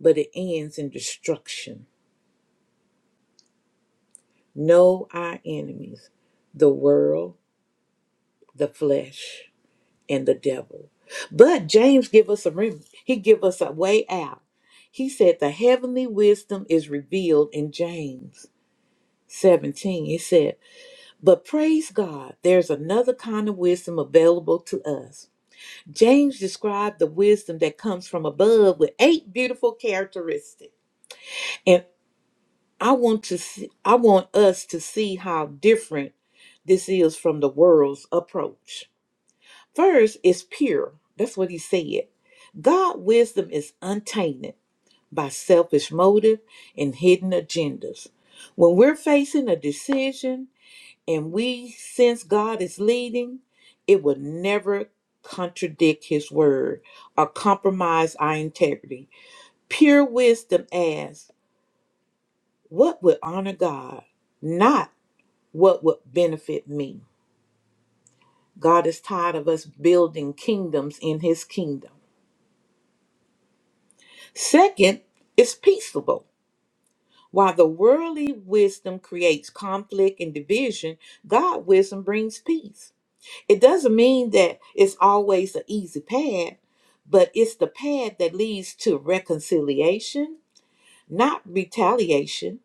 S3: but it ends in destruction. Know our enemies the world, the flesh, and the devil. But James give us a remedy. He give us a way out. He said the heavenly wisdom is revealed in James 17, it said, But praise God, there's another kind of wisdom available to us. James described the wisdom that comes from above with eight beautiful characteristics. And I want to see, I want us to see how different this is from the world's approach. First, it's pure. That's what he said. God wisdom is untainted by selfish motive and hidden agendas. When we're facing a decision and we sense God is leading, it will never contradict His word or compromise our integrity. Pure wisdom asks, What would honor God, not what would benefit me? God is tired of us building kingdoms in His kingdom. Second, it's peaceable. While the worldly wisdom creates conflict and division, God wisdom brings peace. It doesn't mean that it's always an easy path, but it's the path that leads to reconciliation, not retaliation.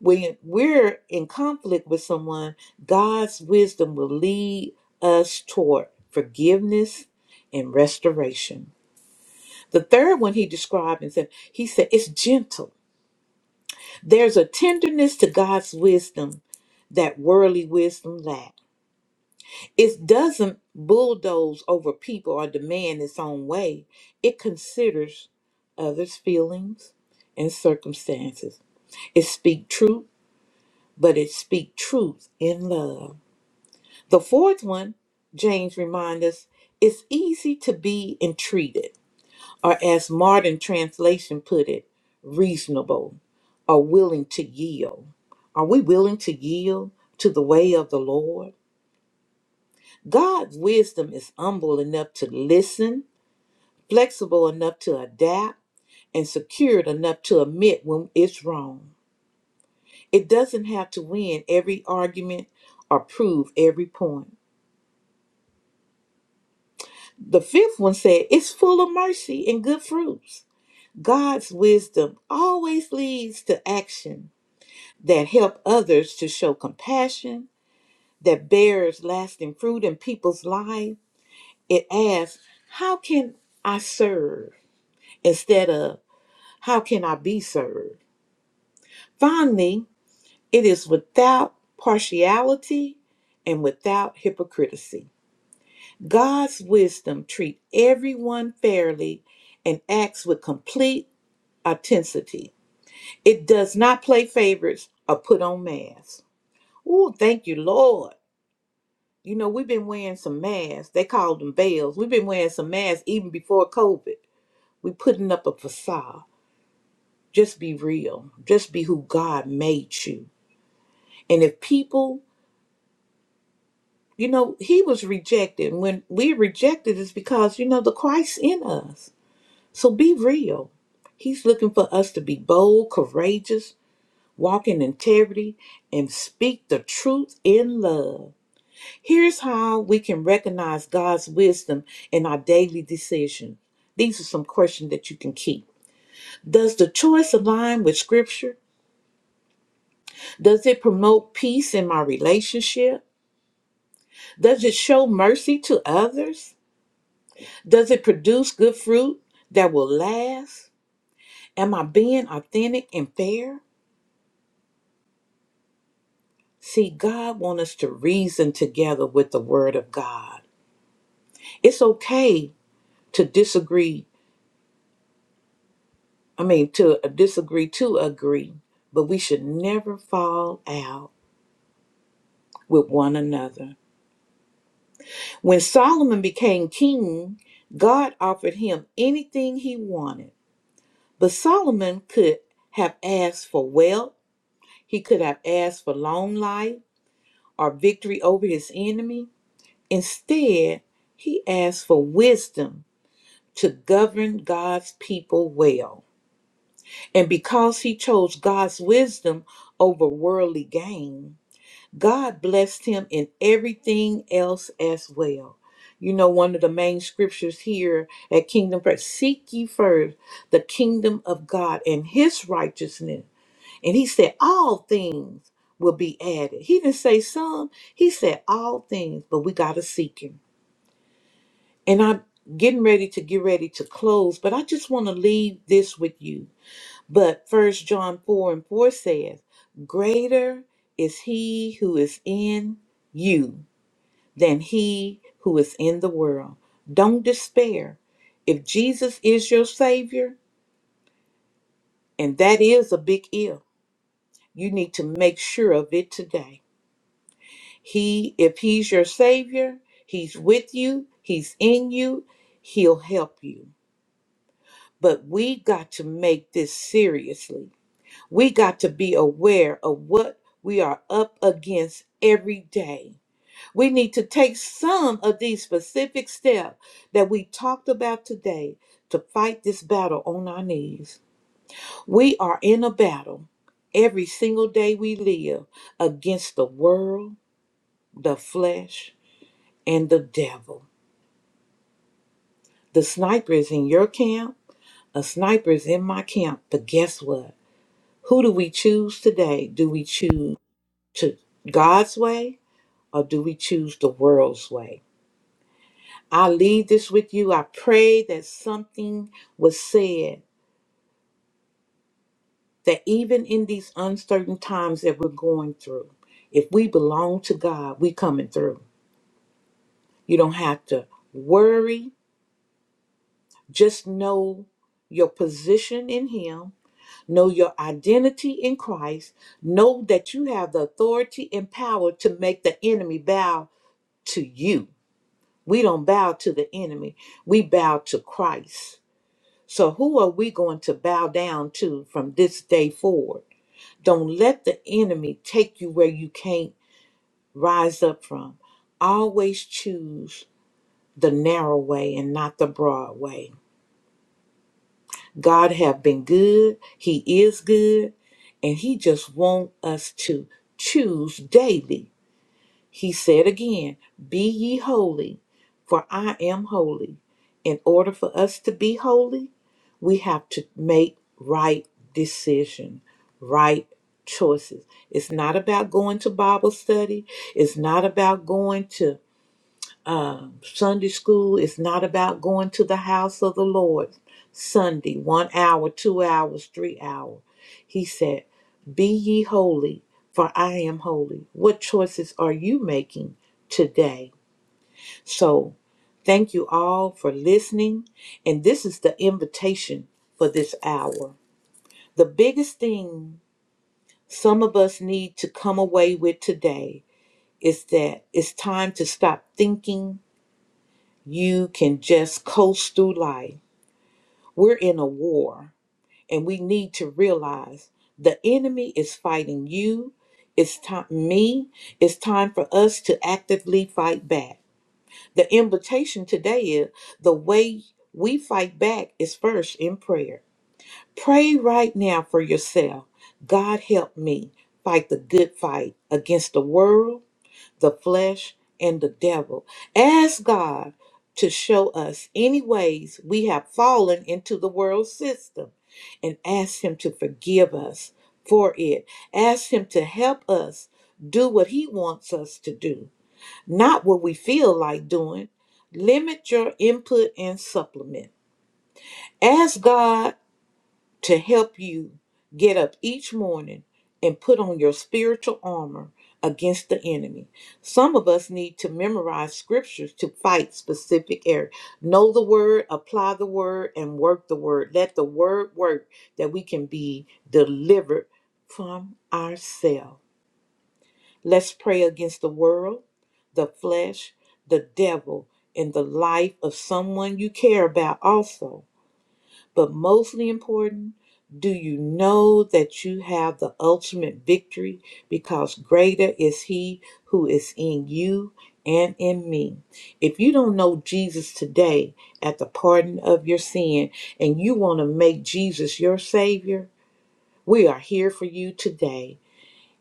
S3: When we're in conflict with someone, God's wisdom will lead us toward forgiveness and restoration. The third one he described and said, he said, it's gentle. There's a tenderness to God's wisdom that worldly wisdom lacks. It doesn't bulldoze over people or demand its own way. It considers others' feelings and circumstances. It speaks truth, but it speaks truth in love. The fourth one, James reminds us, it's easy to be entreated, or as modern translation put it, reasonable or willing to yield. Are we willing to yield to the way of the Lord? God's wisdom is humble enough to listen, flexible enough to adapt, and secured enough to admit when it's wrong. It doesn't have to win every argument or prove every point. The fifth one said, It's full of mercy and good fruits. God's wisdom always leads to action that help others to show compassion, that bears lasting fruit in people's lives. It asks, How can I serve? Instead of How can I be served? Finally, it is without partiality and without hypocrisy. God's wisdom treats everyone fairly and acts with complete authenticity. It does not play favorites or put on masks. Oh, thank you, Lord. You know, we've been wearing some masks. They call them veils. We've been wearing some masks even before COVID. We're putting up a facade. Just be real. Just be who God made you. And if people You know, he was rejected. When we rejected, it's because, you know, the Christ in us. So be real. He's looking for us to be bold, courageous, walk in integrity, and speak the truth in love. Here's how we can recognize God's wisdom in our daily decision. These are some questions that you can keep. Does the choice align with Scripture? Does it promote peace in my relationship? Does it show mercy to others? Does it produce good fruit that will last? Am I being authentic and fair? See, God wants us to reason together with the Word of God. It's okay to disagree, I mean, to disagree to agree, but we should never fall out with one another. When Solomon became king, God offered him anything he wanted, but Solomon could have asked for wealth, he could have asked for long life. or victory over his enemy. Instead, he asks for wisdom to govern God's people well. And because he chose God's wisdom over worldly gain, God blessed him in everything else as well. You know, one of the main scriptures here at Kingdom Press seek ye first the kingdom of God and his righteousness and he said, All things will be added. He didn't say some, he said, All things, but we got to seek him. And I'm getting ready to get ready to close, but I just want to leave this with you. But First John 4 and 4 says, Greater is he who is in you than he who is in the world. Don't despair. If Jesus is your Savior, and that is a big if, you need to make sure of it today He, if he's your savior, he's with you, he's in you, he'll help you. But we got to make this seriously. We got to be aware of what we are up against every day. We need to take some of these specific steps that we talked about today to fight this battle on our knees. We are in a battle every single day we live against the world, the flesh, and the devil. The sniper is in your camp, a sniper is in my camp. But guess what? Who do we choose today? Do we choose to God's way or do we choose the world's way? I leave this with you. I pray that something was said that even in these uncertain times that we're going through, if we belong to God, we coming through. You don't have to worry. Just know your position in Him Know your identity in Christ. Know that you have the authority and power to make the enemy bow to you. We don't bow to the enemy, we bow to Christ. So, who are we going to bow down to from this day forward? Don't let the enemy take you where you can't rise up from. Always choose the narrow way and not the broad way. God have been good. He is good. And he just want us to choose daily. He said again, be ye holy, for I am holy. In order for us to be holy, we have to make right decision, right choices. It's not about going to Bible study. It's not about going to um, Sunday school is not about going to the house of the Lord Sunday, one hour, two hours, three hour. He said, Be ye holy, for I am holy. What choices are you making today? So thank you all for listening. And this is the invitation for this hour. The biggest thing some of us need to come away with today is that it's time to stop thinking you can just coast through life. We're in a war, and we need to realize the enemy is fighting you. It's time me. It's time for us to actively fight back. The invitation today is the way we fight back is first in prayer. Pray right now for yourself. God help me fight the good fight against the world the flesh, and the devil. Ask God to show us any ways we have fallen into the world system and ask Him to forgive us for it. Ask Him to help us do what He wants us to do, not what we feel like doing. Limit your input and supplement. Ask God to help you get up each morning and put on your spiritual armor against the enemy. Some of us need to memorize scriptures to fight specific areas. Know the word, apply the word, and work the word. Let the word work that we can be delivered from ourselves. Let's pray against the world, the flesh, the devil, and the life of someone you care about also. But mostly important, do you know that you have the ultimate victory? Because greater is He who is in you and in me. If you don't know Jesus today at the pardon of your sin and you want to make Jesus your Savior, we are here for you today.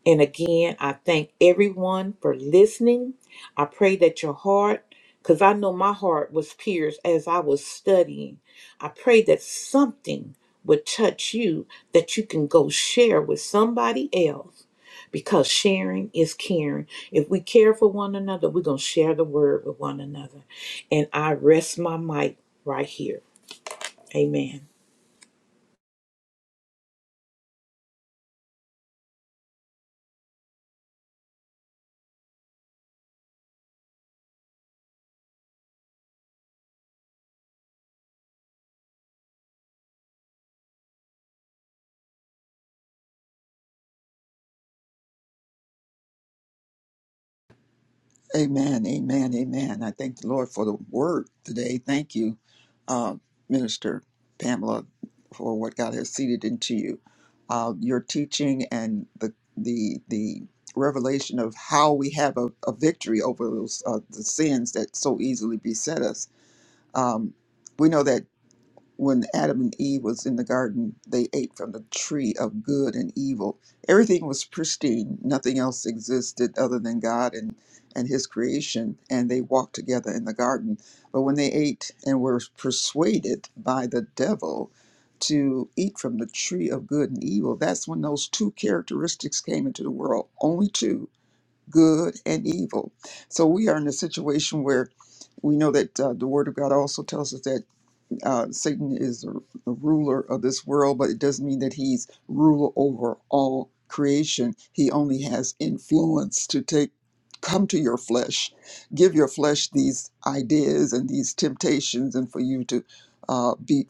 S3: And again, I thank everyone for listening. I pray that your heart, because I know my heart was pierced as I was studying, I pray that something would touch you that you can go share with somebody else because sharing is caring. If we care for one another, we're going to share the word with one another. And I rest my mic right here. Amen.
S2: Amen. Amen. Amen. I thank the Lord for the word today. Thank you, uh, Minister Pamela, for what God has seeded into you. Uh, your teaching and the the the revelation of how we have a, a victory over those uh, the sins that so easily beset us. Um, we know that. when Adam and Eve was in the garden, they ate from the tree of good and evil. Everything was pristine. Nothing else existed other than God and, and his creation. And they walked together in the garden. But when they ate and were persuaded by the devil to eat from the tree of good and evil, that's when those two characteristics came into the world. Only two, good and evil. So we are in a situation where we know that uh, the word of God also tells us that uh, Satan is the ruler of this world, but it doesn't mean that he's ruler over all creation. He only has influence to take come to your flesh, give your flesh these ideas and these temptations, and for you to uh, be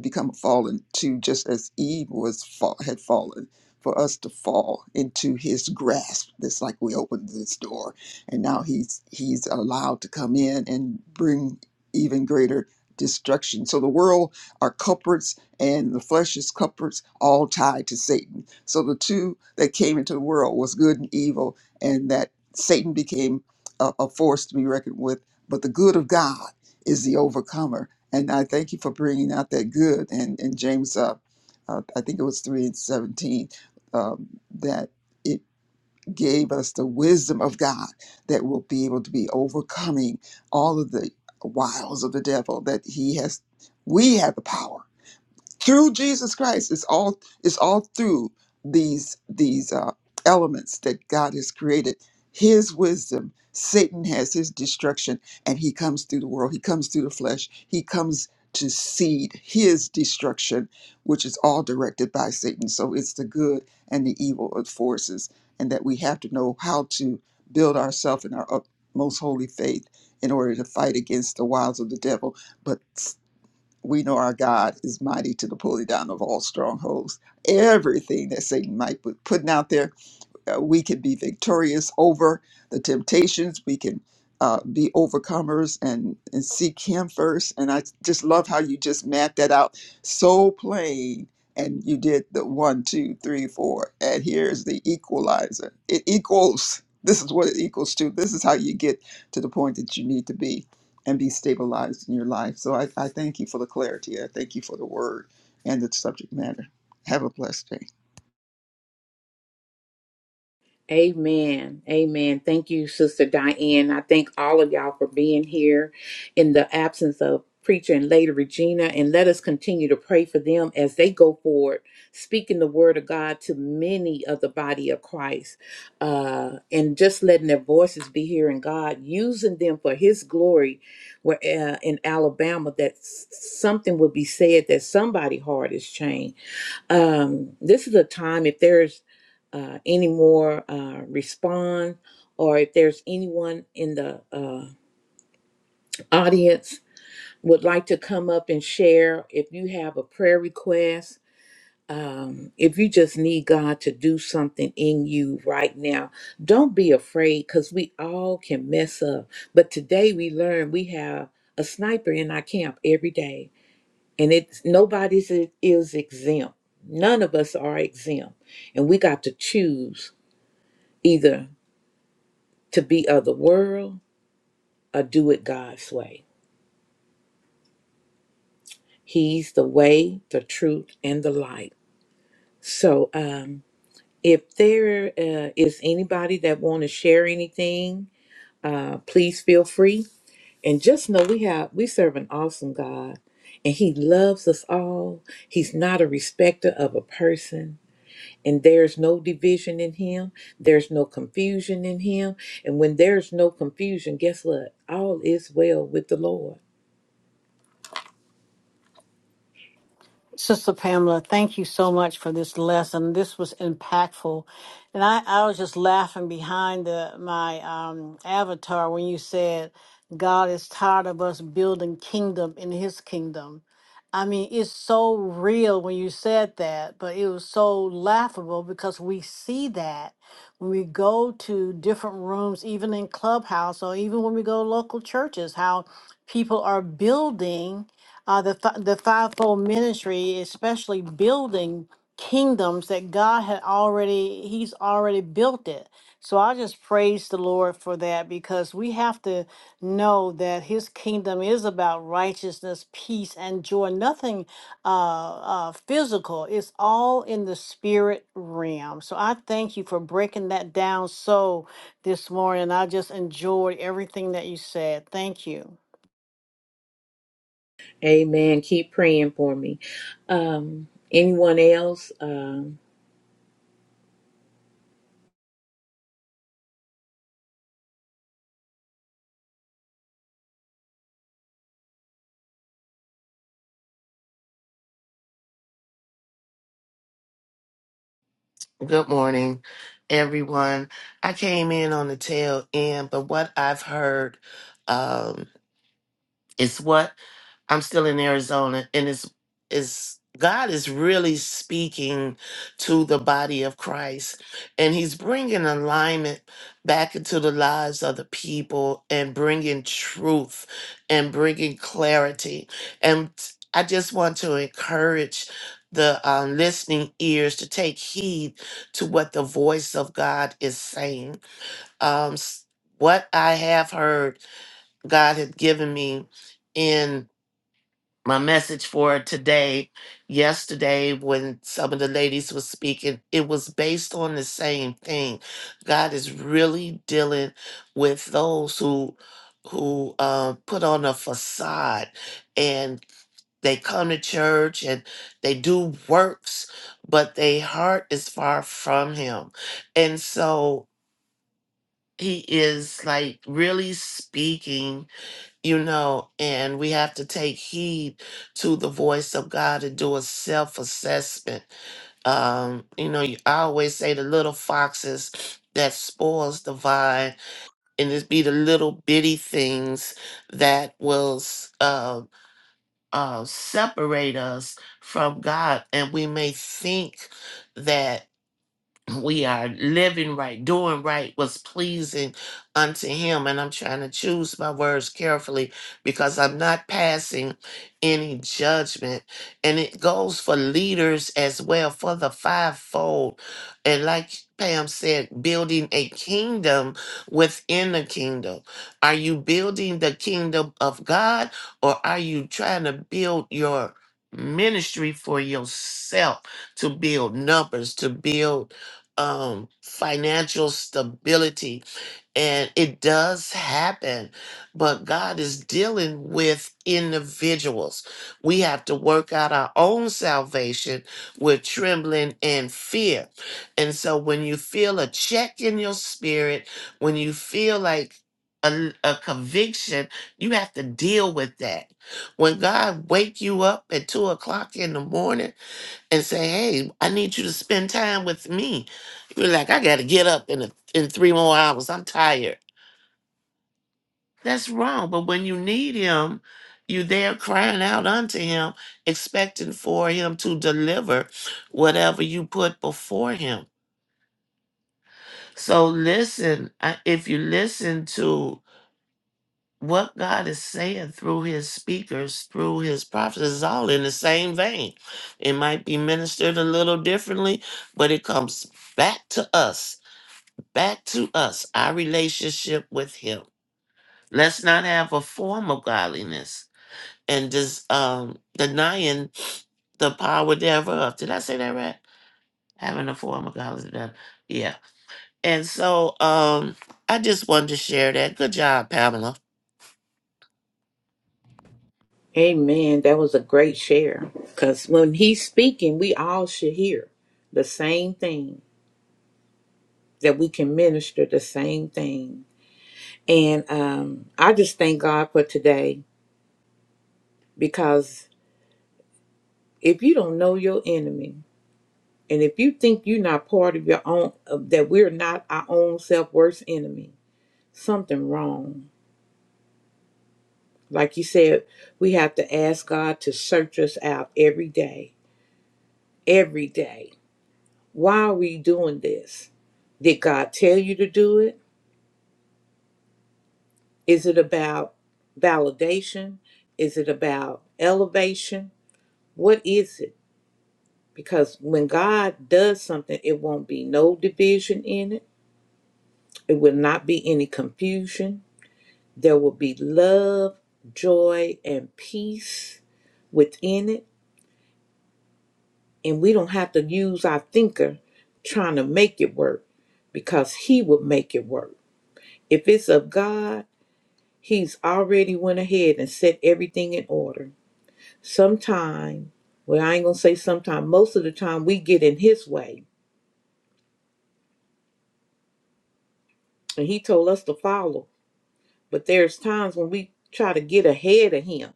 S2: become fallen to just as Eve was fall, had fallen. For us to fall into his grasp, it's like we opened this door, and now he's he's allowed to come in and bring even greater destruction. So the world are culprits and the flesh is culprits, all tied to Satan. So the two that came into the world was good and evil, and that Satan became a, a force to be reckoned with. But the good of God is the overcomer. And I thank you for bringing out that good. And, and James, uh, uh, I think it was 3 and 17, um, that. it gave us the wisdom of God that will be able to be overcoming all of the wiles of the devil that he has we have the power through Jesus Christ. It's all it's all through these these uh, elements that God has created. His wisdom. Satan has his destruction, and he comes through the world. He comes through the flesh. He comes to seed his destruction, which is all directed by Satan. So it's the good and the evil of forces, and that we have to know how to build ourselves in our utmost holy faith in order to fight against the wiles of the devil. But we know our God is mighty to the pulling down of all strongholds. Everything that Satan might put putting out there uh, we can be victorious over the temptations. We can uh, be overcomers and, and seek Him first. And I just love how you just mapped that out so plain. And you did the one, two, three, four. And here's the equalizer. It equals, this is what it equals to. This is how you get to the point that you need to be and be stabilized in your life. So I, I thank you for the clarity. I thank you for the word and the subject matter. Have a blessed day.
S3: Amen. Amen. Thank you, Sister Diane. I thank all of y'all for being here in the absence of preacher and lady Regina. And let us continue to pray for them as they go forward, speaking the word of God to many of the body of Christ. Uh, and just letting their voices be hearing God, using them for his glory where uh, in Alabama that s- something will be said that somebody's heart is changed um, this is a time if there's uh, any more uh, respond or if there's anyone in the uh, audience would like to come up and share if you have a prayer request um, if you just need god to do something in you right now don't be afraid because we all can mess up but today we learn we have a sniper in our camp every day and it's nobody's is, is exempt none of us are exempt and we got to choose either to be of the world or do it god's way he's the way the truth and the light so um if there uh, is anybody that want to share anything uh, please feel free and just know we have we serve an awesome god and he loves us all he's not a respecter of a person and there's no division in him there's no confusion in him and when there's no confusion guess what all is well with the lord
S4: Sister Pamela, thank you so much for this lesson. This was impactful. And I, I was just laughing behind the, my um, avatar when you said, God is tired of us building kingdom in his kingdom. I mean, it's so real when you said that, but it was so laughable because we see that when we go to different rooms, even in Clubhouse, or even when we go to local churches, how people are building uh, the fi- the fivefold ministry, especially building kingdoms that God had already He's already built it. So I just praise the Lord for that because we have to know that His kingdom is about righteousness, peace, and joy. Nothing uh, uh, physical; it's all in the spirit realm. So I thank you for breaking that down so this morning. I just enjoyed everything that you said. Thank you.
S3: amen keep praying for me um anyone else um
S6: Good morning, everyone. I came in on the tail end, but what I've heard, um, it's what I'm still in Arizona, and it's is God is really speaking to the body of Christ, and He's bringing alignment back into the lives of the people, and bringing truth, and bringing clarity. And I just want to encourage the um, listening ears to take heed to what the voice of God is saying. Um, s- what I have heard. God had given me in my message for today. Yesterday, when some of the ladies were speaking, it was based on the same thing. God is really dealing with those who who uh, put on a facade and they come to church and they do works, but their heart is far from Him, and so. He is like really speaking you know, and we have to take heed to the voice of God and do a self assessment. Um, you know, you- I always say the little foxes that spoils the vine, and it be the little bitty things that will s- uh, uh, separate us from God, and we may think that we are living right, doing right, was pleasing unto him. And I'm trying to choose my words carefully because I'm not passing any judgment. And it goes for leaders as well, for the fivefold. And like Pam said, building a kingdom within the kingdom. Are you building the kingdom of God or are you trying to build your ministry for yourself to build numbers, to build? um financial stability and it does happen but god is dealing with individuals we have to work out our own salvation with trembling and fear and so when you feel a check in your spirit when you feel like a, a conviction you have to deal with that when god wake you up at two o'clock in the morning and say, "Hey, I need you to spend time with me." You're like, "I got to get up in a, in three more hours. I'm tired." That's wrong. But when you need Him, you're there crying out unto Him, expecting for Him to deliver whatever you put before Him. So listen. I- If you listen to what God is saying through His speakers, through His prophets, it's all in the same vein. It might be ministered a little differently, but it comes back to us back to us our relationship with him let's not have a form of godliness and just um denying the power thereof did i say that right having a form of godliness yeah and so um i just wanted to share that good job pamela
S3: amen that was a great share because when he's speaking we all should hear the same thing that we can minister the same thing and um i just thank god for today because if you don't know your enemy And if you think you're not part of your own, of that we're not our own self worst enemy, something wrong. Like you said, we have to ask God to search us out every day. Every day. Why are we doing this? Did God tell you to do it? Is it about validation? Is it about elevation? What is it? Because when God does something, it won't be no division in it, it will not be any confusion There will be love, joy, and peace within it. And we don't have to use our thinker trying to make it work because He will make it work. If it's of God, He's already went ahead and set everything in order. Sometime, well, I ain't gonna say sometime, most of the time we get in His way and He told us to follow. But there's times when we try to get ahead of Him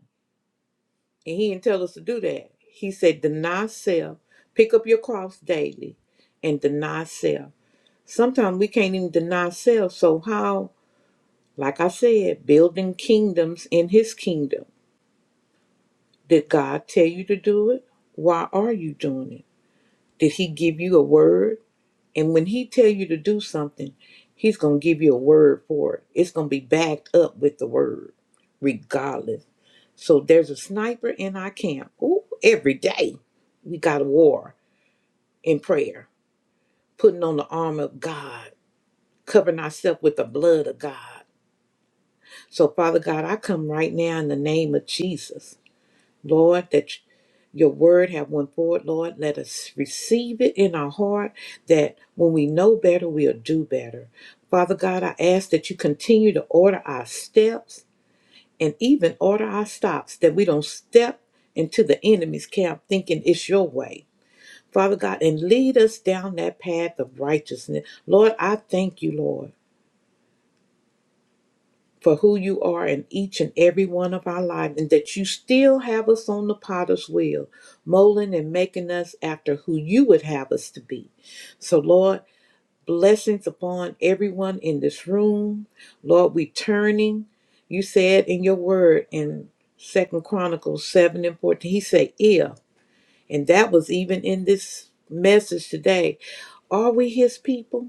S3: And he didn't tell us to do that. He said, deny self, pick up your cross daily, and deny self. Sometimes we can't even deny self. So, how, like I said, building kingdoms in his kingdom. Did God tell you to do it? Why are you doing it? Did he give you a word? And when he tell you to do something, he's going to give you a word for it. It's going to be backed up with the word, regardless. So there's a sniper in our camp. Ooh, every day we got a war in prayer, putting on the armor of God, covering ourselves with the blood of God. So, Father God, I come right now in the name of Jesus, Lord, that your word have went forward, Lord. Let us receive it in our heart that when we know better, we'll do better. Father God, I ask that you continue to order our steps and even order our stops that we don't step into the enemy's camp thinking it's your way. Father God, and lead us down that path of righteousness. Lord, I thank you, Lord, for who you are in each and every one of our lives, and that you still have us on the potter's wheel, molding and making us after who you would have us to be. So, Lord, Blessings upon everyone in this room. Lord, we turning. You said in your word in Second Chronicles 7 and 14, he said, if, and that was even in this message today. Are we his people?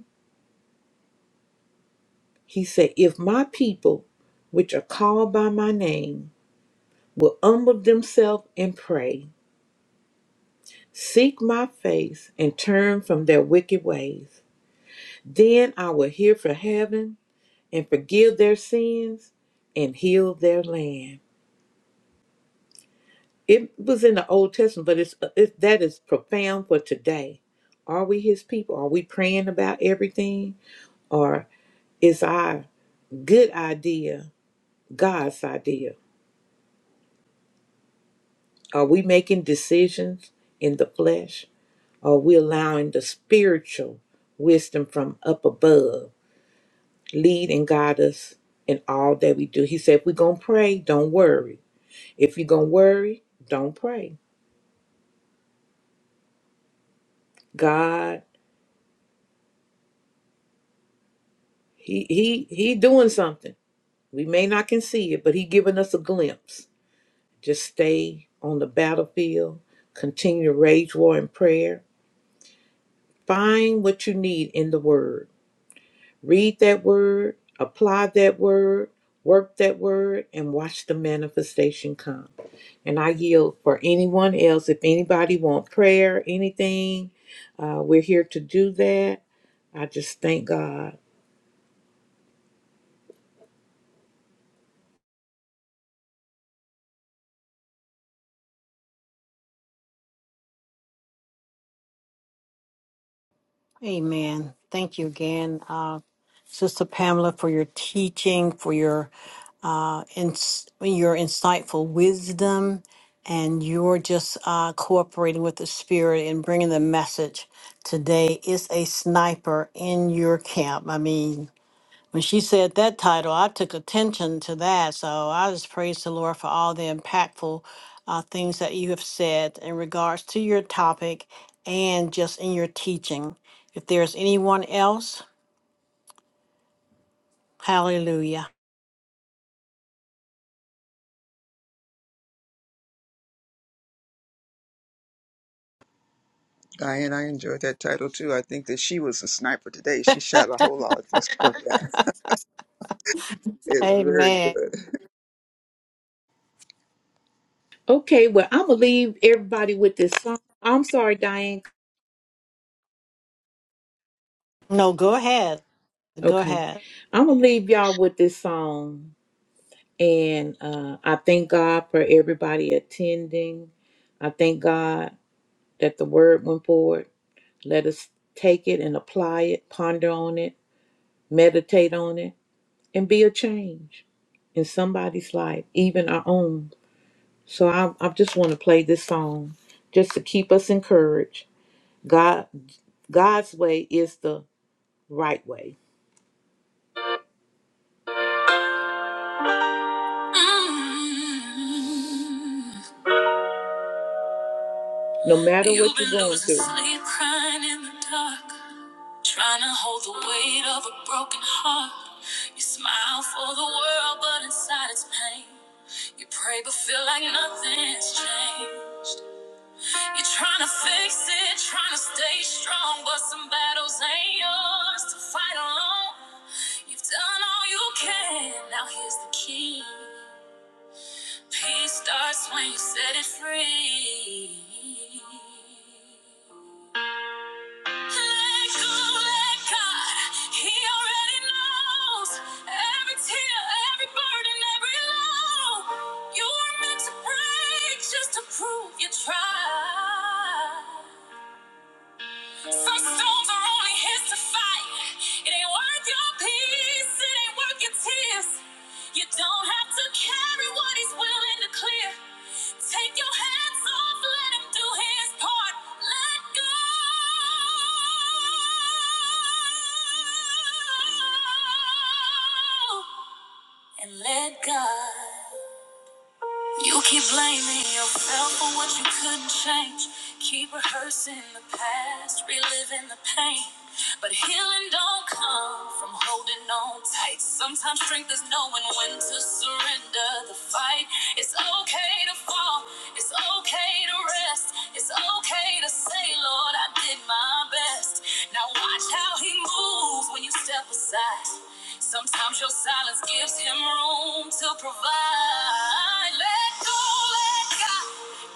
S3: He said, if my people, which are called by my name, will humble themselves and pray, seek my face, and turn from their wicked ways, then I will hear from heaven and forgive their sins and heal their land. It was in the Old Testament, but it's uh, it, that is profound for today. Are we His people? Are we praying about everything, or is our good idea God's idea? Are we making decisions in the flesh? Are we allowing the spiritual wisdom from up above lead and guide us in all that we do? He said, if we're going to pray, don't worry. If you're going to worry, don't pray. God, he he he doing something. We may not can see it, but he giving us a glimpse. Just stay on the battlefield, continue to rage war in prayer. Find what you need in the word. Read that word, apply that word, work that word, and watch the manifestation come. And I yield for anyone else. If anybody want prayer, anything, uh, we're here to do that. I just thank God.
S4: Amen. Thank you again, uh, Sister Pamela, for your teaching, for your uh, ins- your insightful wisdom, and your just uh, cooperating with the Spirit and bringing the message today. Is a sniper in your camp? I mean, when she said that title, I took attention to that. So I just praise the Lord for all the impactful uh, things that you have said in regards to your topic and just in your teaching. If there's anyone else, hallelujah.
S2: Diane, I enjoyed that title too. I think that she was a sniper today. She shot a whole lot of stuff down. It was very
S4: Amen.
S2: good.
S3: Okay, well, I'm gonna leave everybody with this song. I'm sorry, Diane.
S4: No, go ahead. Go
S3: Okay,
S4: ahead.
S3: I'm gonna leave y'all with this song, and uh, I thank God for everybody attending. I thank God that the word went forward. Let us take it and apply it, ponder on it, meditate on it, and be a change in somebody's life, even our own. So I, I just want to play this song just to keep us encouraged. God, God's way is the right way. No matter what you're going through. trying to hold the weight of a broken heart. You smile for the world, but inside it's pain. You pray, but feel like nothing's changed. You're trying to fix it, trying to stay strong, but some battles ain't yours to fight alone. You've done all you can, now here's the key. Peace starts when you set it free. Let go, let God. He already knows every tear, every burden, every low. You were meant to break just to prove you tried. Some storms are only his to fight. It ain't worth your peace, it ain't worth your tears. You don't have to carry what he's willing to clear. Take your hands off, let him do his part. Let go. And let God. You keep blaming yourself for what you couldn't change. Keep rehearsing the past, reliving the pain. But healing don't come from holding on tight. Sometimes strength is knowing when to surrender the fight. It's okay to fall, it's okay to rest, it's okay to say, Lord, I did my best. Now watch how He moves when you step aside. Sometimes your silence gives him room to provide. Let go, let God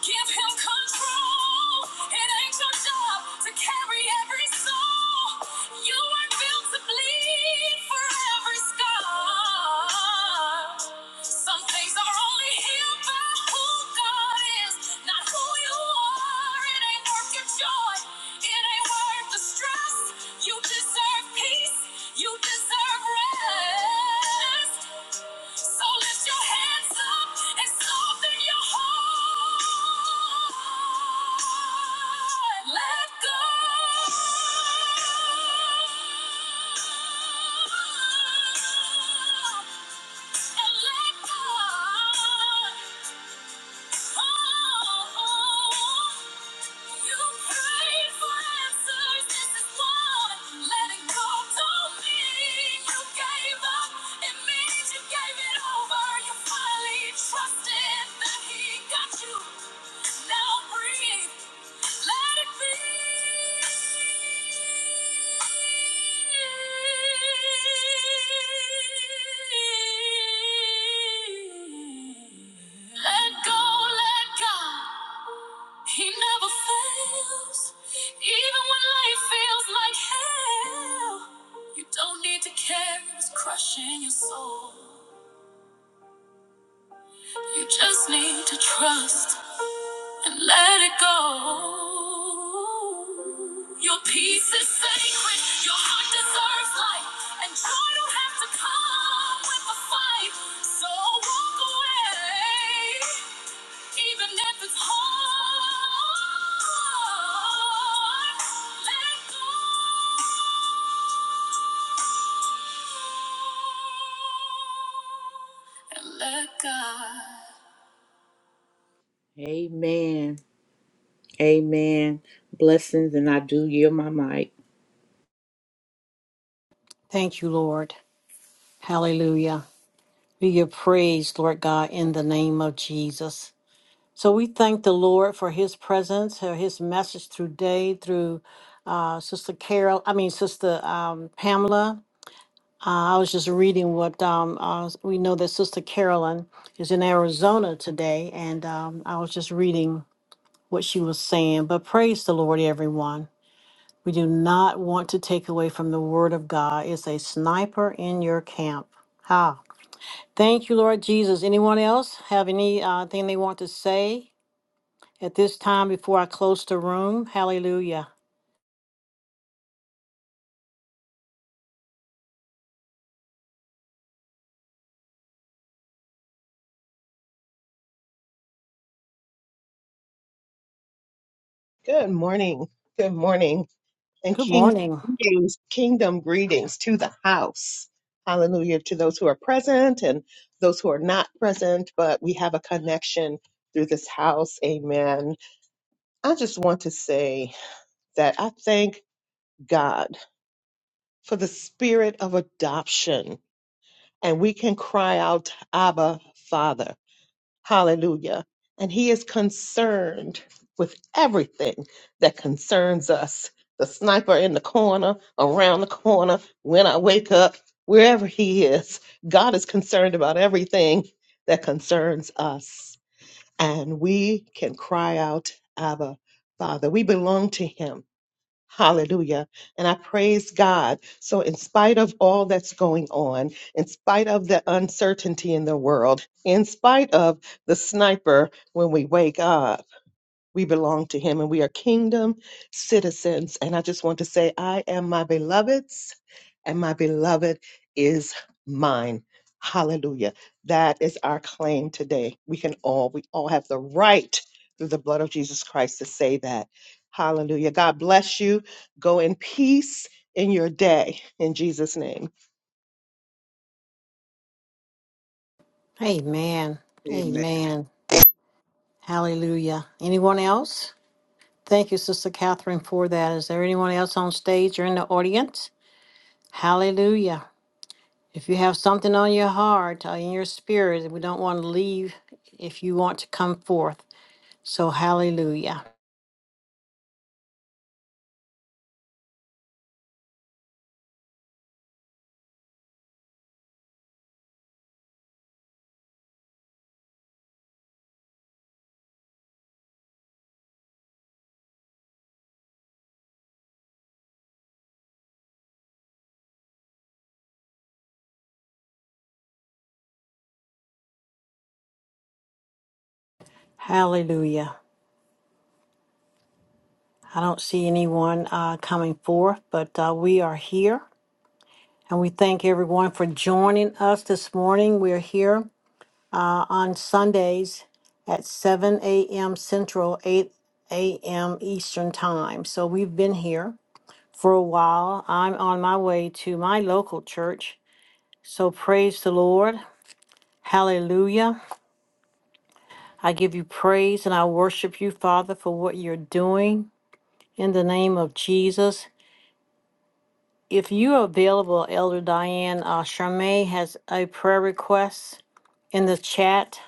S3: give him control. It ain't your job to carry every soul. You weren't built to bleed for every scar. Some things are only healed by who God is, not who you are. It ain't worth your joy. It ain't worth the stress. You deserve peace. You deserve rest. So lift your hands up and soften your heart. Let go. And let God. Oh, oh. oh, oh. Trusted that he got you. Now breathe. Let it be. Let go, let God. He never fails. Even when life feels like hell, you don't need to care what's crushing your soul. You just need to trust and let it go. Your peace is sacred, your heart deserves life, and joy don't have to come with a fight. So walk away even if it's hard. Let go. and Let God. Amen. Amen. Blessings, and I do yield my mic.
S4: Thank you, Lord. Hallelujah. We give praise, Lord God, in the name of Jesus. So we thank the Lord for his presence, for his message through day, through uh, Sister Carol, I mean, Sister um, Pamela. Uh, I was just reading what um, uh, we know that Sister Carolyn is in Arizona today, and um, I was just reading what she was saying. But praise the Lord, everyone. We do not want to take away from the word of God. It's a sniper in your camp. Ha. Thank you, Lord Jesus. Anyone else have any uh, thing they want to say? At this time, before I close the room, hallelujah.
S7: Good morning. Good morning. And
S4: Good
S7: king
S4: morning.
S7: greetings, kingdom greetings to the house. Hallelujah to those who are present and those who are not present, but we have a connection through this house. Amen. I just want to say that I thank God for the spirit of adoption and we can cry out, Abba, Father. Hallelujah. And he is concerned with everything that concerns us. The sniper in the corner, around the corner, when I wake up, wherever he is, God is concerned about everything that concerns us. And we can cry out, Abba, Father. We belong to him. Hallelujah. And I praise God. So, in spite of all that's going on, in spite of the uncertainty in the world, in spite of the sniper when we wake up, we belong to him and we are kingdom citizens. And I just want to say, I am my beloved's and my beloved is mine. Hallelujah. That is our claim today. We can all, we all have the right through the blood of Jesus Christ to say that. Hallelujah. God bless you. Go in peace in your day in Jesus' name.
S4: Amen.
S2: Amen.
S4: Amen. Hallelujah. Anyone else? Thank you, Sister Catherine, for that. Is there anyone else on stage or in the audience? Hallelujah. If you have something on your heart, or in your spirit, we don't want to leave if you want to come forth. So, hallelujah. Hallelujah. I don't see anyone uh, coming forth, but uh, we are here. And we thank everyone for joining us this morning. We're here uh, on Sundays at 7 a.m. Central, 8 a.m. Eastern Time. So we've been here for a while. I'm on my way to my local church. So praise the Lord. Hallelujah. I give you praise and I worship you, Father, for what you're doing in the name of Jesus. If you are available, Elder Diane uh, Charmay has a prayer request in the chat.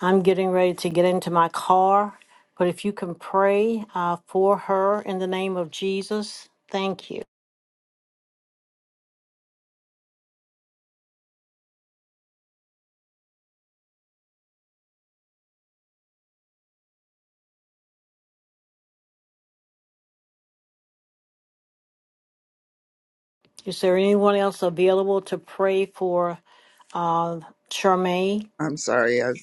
S4: I'm getting ready to get into my car, but if you can pray uh, for her in the name of Jesus, thank you. Is there anyone else available to pray for uh, Charmaine?
S2: I'm sorry. I've,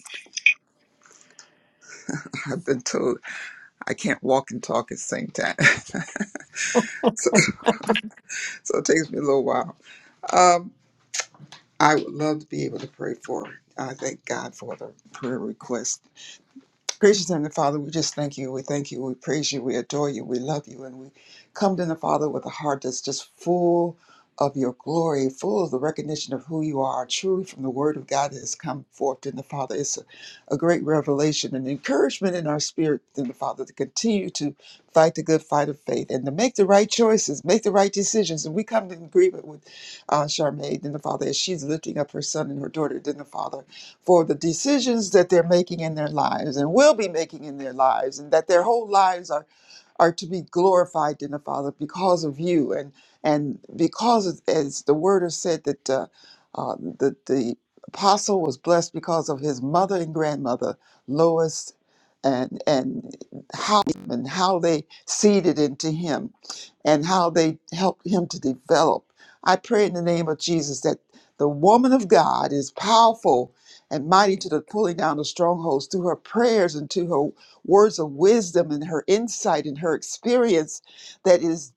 S2: I've been told I can't walk and talk at the same time. so it takes me a little while. I would love to be able to pray for her. I thank God for the prayer request Gracious Heavenly Father, we just thank you. We thank you. We praise you. We adore you. We love you. And we come to the Father with a heart that's just full of your glory, full of the recognition of who you are, truly from the Word of God that has come forth in the Father. It's a, a great revelation and encouragement in our spirit in the Father to continue to fight the good fight of faith and to make the right choices, make the right decisions. And we come in agreement with uh, Charmaine in the Father as she's lifting up her son and her daughter in the Father for the decisions that they're making in their lives and will be making in their lives, and that their whole lives are are to be glorified in the Father because of you and and because of, as the Word has said that uh, uh, the the apostle was blessed because of his mother and grandmother Lois and and how and how they seeded into him and how they helped him to develop. I pray in the name of Jesus that the woman of God is powerful and mighty to the pulling down of strongholds through her prayers and to her words of wisdom and her insight and her experience that is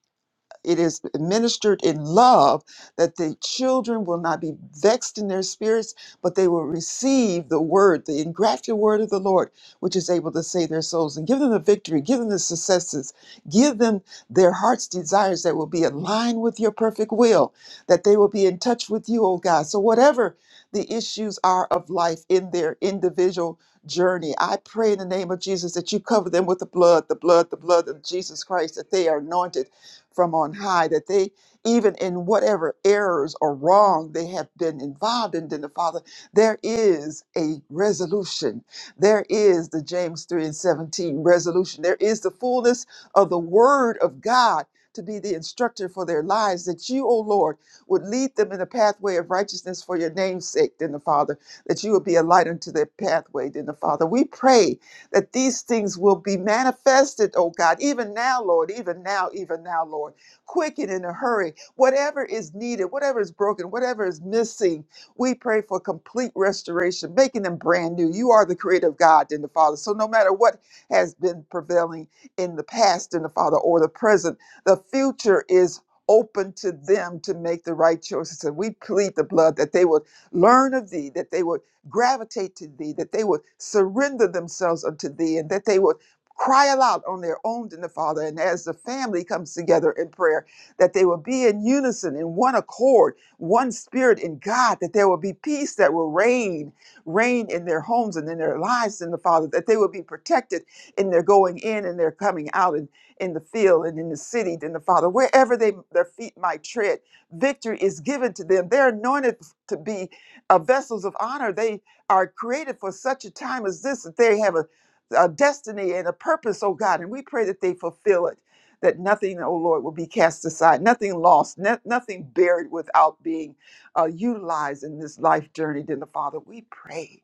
S2: it is administered in love that the children will not be vexed in their spirits, but they will receive the word, the engrafted word of the Lord, which is able to save their souls and give them the victory, give them the successes, give them their heart's desires that will be aligned with your perfect will, that they will be in touch with you, oh God. So, whatever the issues are of life in their individual journey, I pray in the name of Jesus that you cover them with the blood, the blood, the blood of Jesus Christ, that they are anointed from on high, that they, even in whatever errors or wrong they have been involved in, then the Father, there is a resolution. There is the James 3 and 17 resolution. There is the fullness of the Word of God to be the instructor for their lives, that you, O Lord, would lead them in the pathway of righteousness for your name's sake, then the Father, that you would be a light unto their pathway, then the Father. We pray that these things will be manifested, oh God, even now, Lord, even now, even now, Lord. Quick and in a hurry, whatever is needed, whatever is broken, whatever is missing, we pray for complete restoration, making them brand new. You are the creator of God and the Father. So no matter what has been prevailing in the past in the Father or the present, the future is open to them to make the right choices. And we plead the blood that they would learn of thee, that they would gravitate to thee, that they would surrender themselves unto thee, and that they would cry aloud on their own to the Father. And as the family comes together in prayer, that they will be in unison, in one accord, one spirit in God, that there will be peace that will reign, reign in their homes and in their lives in the Father, that they will be protected in their going in and their coming out and in the field and in the city, in the Father, wherever they their feet might tread, victory is given to them. They're anointed to be uh, vessels of honor. They are created for such a time as this that they have a, a destiny and a purpose, oh God. And we pray that they fulfill it, that nothing, oh Lord, will be cast aside, nothing lost, no- nothing buried without being uh, utilized in this life journey. Then the Father, we pray.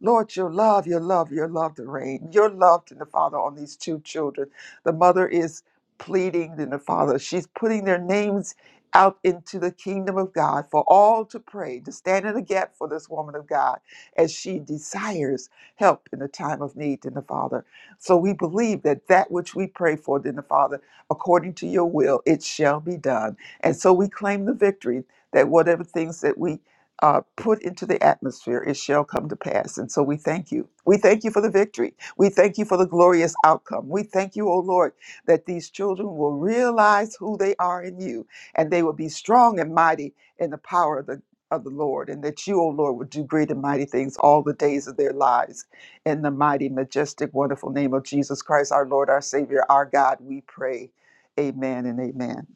S2: Lord, your love, your love, your love to reign, your love to the Father on these two children. The mother is pleading, Then the Father, she's putting their names out into the kingdom of God for all to pray, to stand in the gap for this woman of God as she desires help in the time of need in the Father. So we believe that that which we pray for in the Father, according to your will, it shall be done. And so we claim the victory that whatever things that we uh, put into the atmosphere, it shall come to pass. And so we thank you. We thank you for the victory. We thank you for the glorious outcome. We thank you, O Lord, that these children will realize who they are in you and they will be strong and mighty in the power of the of the Lord, and that you, O Lord, would do great and mighty things all the days of their lives. In the mighty, majestic, wonderful name of Jesus Christ, our Lord, our Savior, our God, we pray. Amen and amen.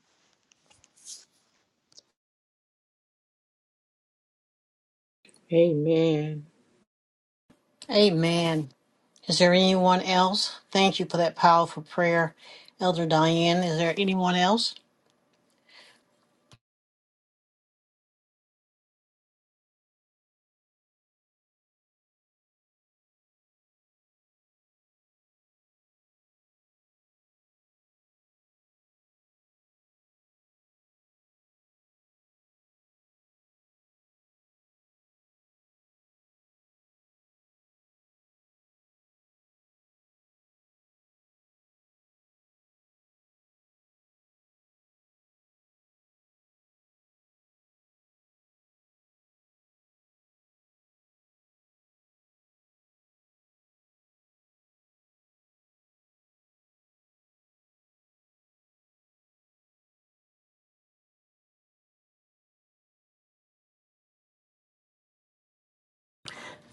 S3: Amen.
S4: Amen. Is there anyone else? Thank you for that powerful prayer, Elder Diane. Is there anyone else?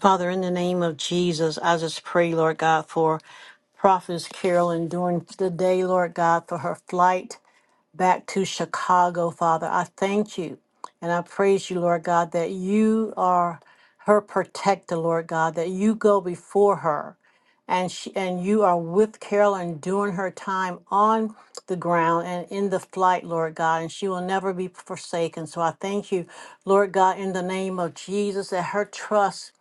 S4: Father, in the name of Jesus, I just pray, Lord God, for Prophetess Carolyn during the day, Lord God, for her flight back to Chicago, Father. I thank you and I praise you, Lord God, that you are her protector, Lord God, that you go before her and she and you are with Carolyn during her time on the ground and in the flight, Lord God, and she will never be forsaken. So I thank you, Lord God, in the name of Jesus, that her trust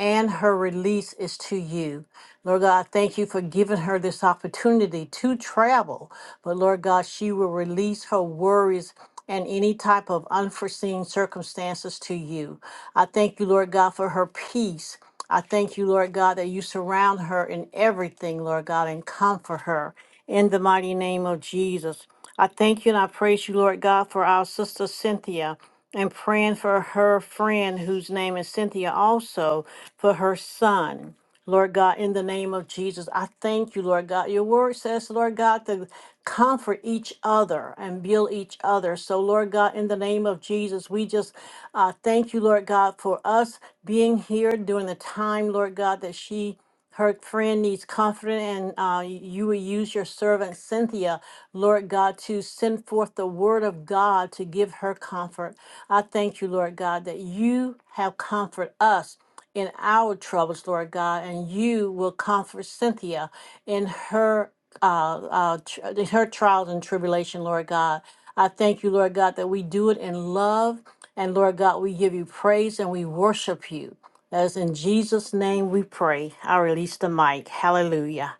S4: and her release is to you. Lord God, thank you for giving her this opportunity to travel. But Lord God, she will release her worries and any type of unforeseen circumstances to you. I thank you, Lord God, for her peace. I thank you, Lord God, that you surround her in everything, Lord God, and comfort her in the mighty name of Jesus. I thank you and I praise you, Lord God, for our sister Cynthia and praying for her friend whose name is Cynthia also for her son. Lord God, in the name of Jesus, I thank you, Lord God. Your word says, Lord God, to comfort each other and build each other. So, Lord God, in the name of Jesus, we just uh, thank you, Lord God, for us being here during the time, Lord God, that she. Her friend needs comfort, and uh, you will use your servant Cynthia, Lord God, to send forth the word of God to give her comfort. I thank you, Lord God, that you have comfort us in our troubles, Lord God, and you will comfort Cynthia in her uh, uh, tr- in her trials and tribulation, Lord God. I thank you, Lord God, that we do it in love, and Lord God, we give you praise and we worship you. As in Jesus' name we pray. I release the mic. Hallelujah.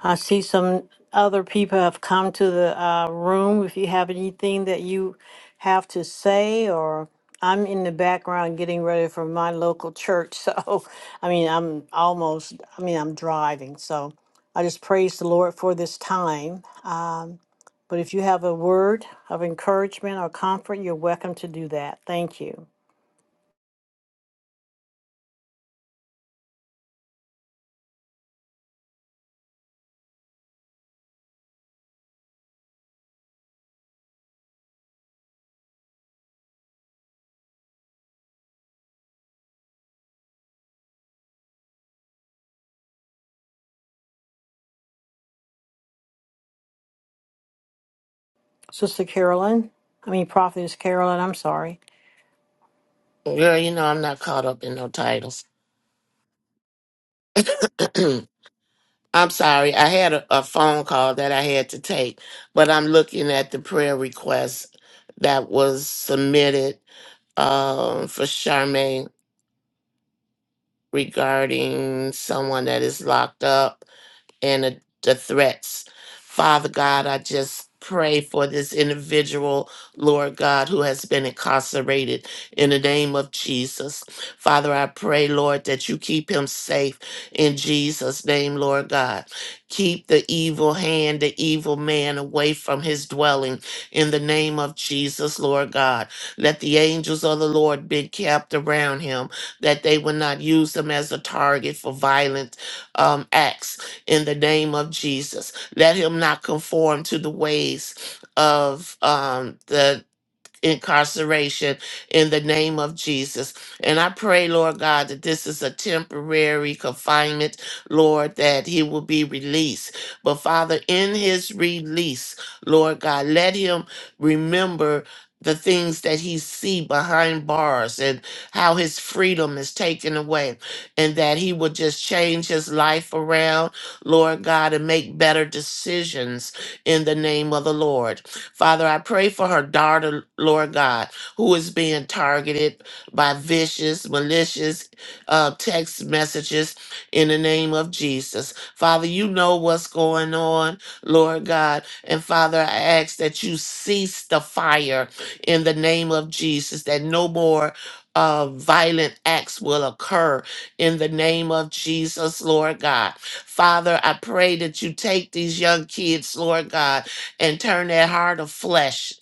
S4: I see some other people have come to the uh, room. If you have anything that you have to say, or I'm in the background getting ready for my local church. So, I mean, I'm almost, I mean, I'm driving. So I just praise the Lord for this time. Um, but if you have a word of encouragement or comfort, you're welcome to do that. Thank you. Sister Carolyn, I mean, Prophetess Carolyn, I'm sorry.
S6: girl you know i'm not caught up in no titles i'm sorry i had a, a phone call that i had to take but i'm looking at the prayer request that was submitted um, for Charmaine regarding someone that is locked up and the, the threats. Father God, I just pray for this individual, Lord God, who has been incarcerated in the name of Jesus. Father, I pray, Lord, that you keep him safe in Jesus' name, Lord God. Keep the evil hand, the evil man away from his dwelling in the name of Jesus, Lord God. Let the angels of the Lord be kept around him, that they will not use him as a target for violent um, acts in the name of Jesus. Let him not conform to the ways of um, the incarceration in the name of Jesus. And I pray, Lord God, that this is a temporary confinement, Lord, that he will be released. But Father, in his release, Lord God, let him remember the things that he see behind bars and how his freedom is taken away and that he will just change his life around lord god and make better decisions in the name of the lord Father, I pray for her daughter, Lord God, who is being targeted by vicious, malicious uh, text messages in the name of Jesus. Father, you know what's going on, Lord God. And Father, I ask that you cease the fire in the name of Jesus, that no more. Uh, violent acts will occur in the name of Jesus, Lord God. Father, I pray that you take these young kids, Lord God, and turn that heart of flesh,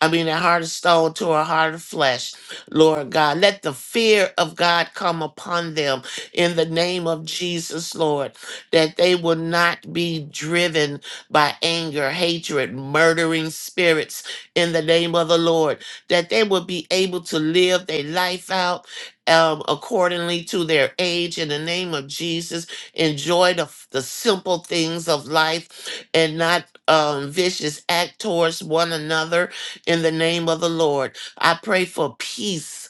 S6: I mean, that heart of stone to a heart of flesh, Lord God. Let the fear of God come upon them in the name of Jesus, Lord, that they will not be driven by anger, hatred, murdering spirits in the name of the Lord, that they will be able to live their life out. Um, accordingly to their age, in the name of Jesus, enjoy the, the simple things of life and not um, vicious act towards one another in the name of the Lord. I pray for peace,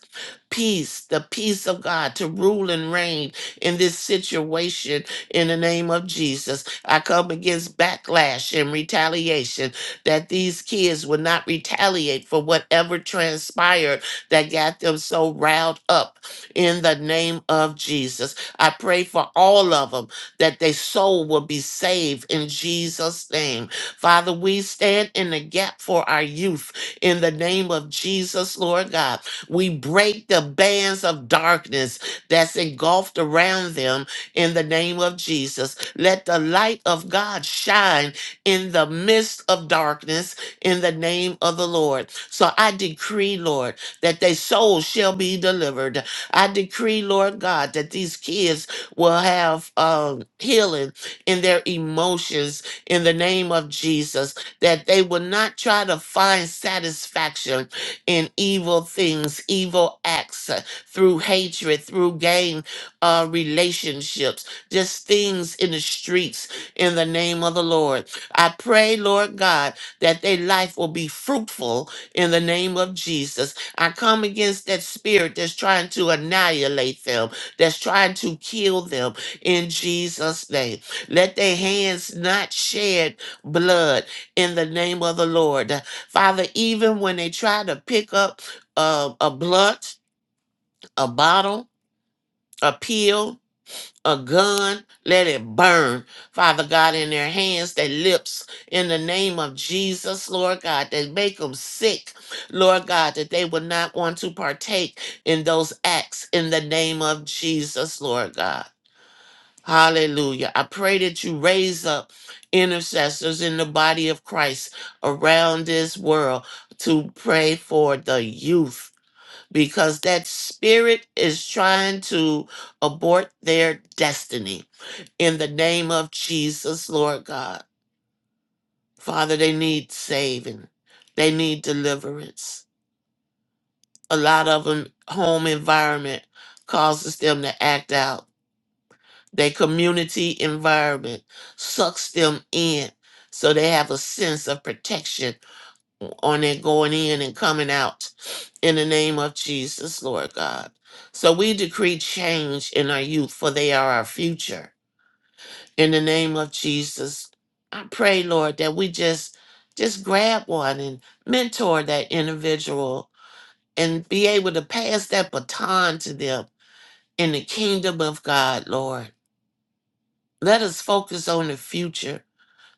S6: peace, the peace of God to rule and reign in this situation in the name of Jesus. I come against backlash and retaliation that these kids would not retaliate for whatever transpired that got them so riled up in the name of Jesus. I pray for all of them that their soul will be saved in Jesus' name. Father, we stand in the gap for our youth in the name of Jesus, Lord God. We break the bands of darkness that's engulfed around them in the name of Jesus. Let the light of God shine in the midst of darkness in the name of the Lord. So I decree, Lord, that their souls shall be delivered. I decree, Lord God, that these kids will have um, healing in their emotions in the name of Jesus, that they will not try to find satisfaction in evil things, evil acts, uh, through hatred, through gain uh, relationships, just things in the streets in the name of the Lord. I pray, Lord God, that their life will be fruitful in the name of Jesus. I come against that spirit that's trying to annihilate them, that's trying to kill them in Jesus' name. Let their hands not shed blood in the name of the Lord. Father, even when they try to pick up uh, a blunt, a bottle, a pill, a gun, let it burn, Father God, in their hands, their lips, in the name of Jesus, Lord God, that make them sick, Lord God, that they would not want to partake in those acts in the name of Jesus, Lord God. Hallelujah. I pray that you raise up intercessors in the body of Christ around this world to pray for the youth because that spirit is trying to abort their destiny. In the name of Jesus, Lord God. Father, they need saving, they need deliverance. A lot of them, home environment causes them to act out Their community environment sucks them in so they have a sense of protection on their going in and coming out in the name of Jesus, Lord God. So we decree change in our youth, for they are our future. In the name of Jesus, I pray, Lord, that we just just grab one and mentor that individual and be able to pass that baton to them in the kingdom of God, Lord. Let us focus on the future,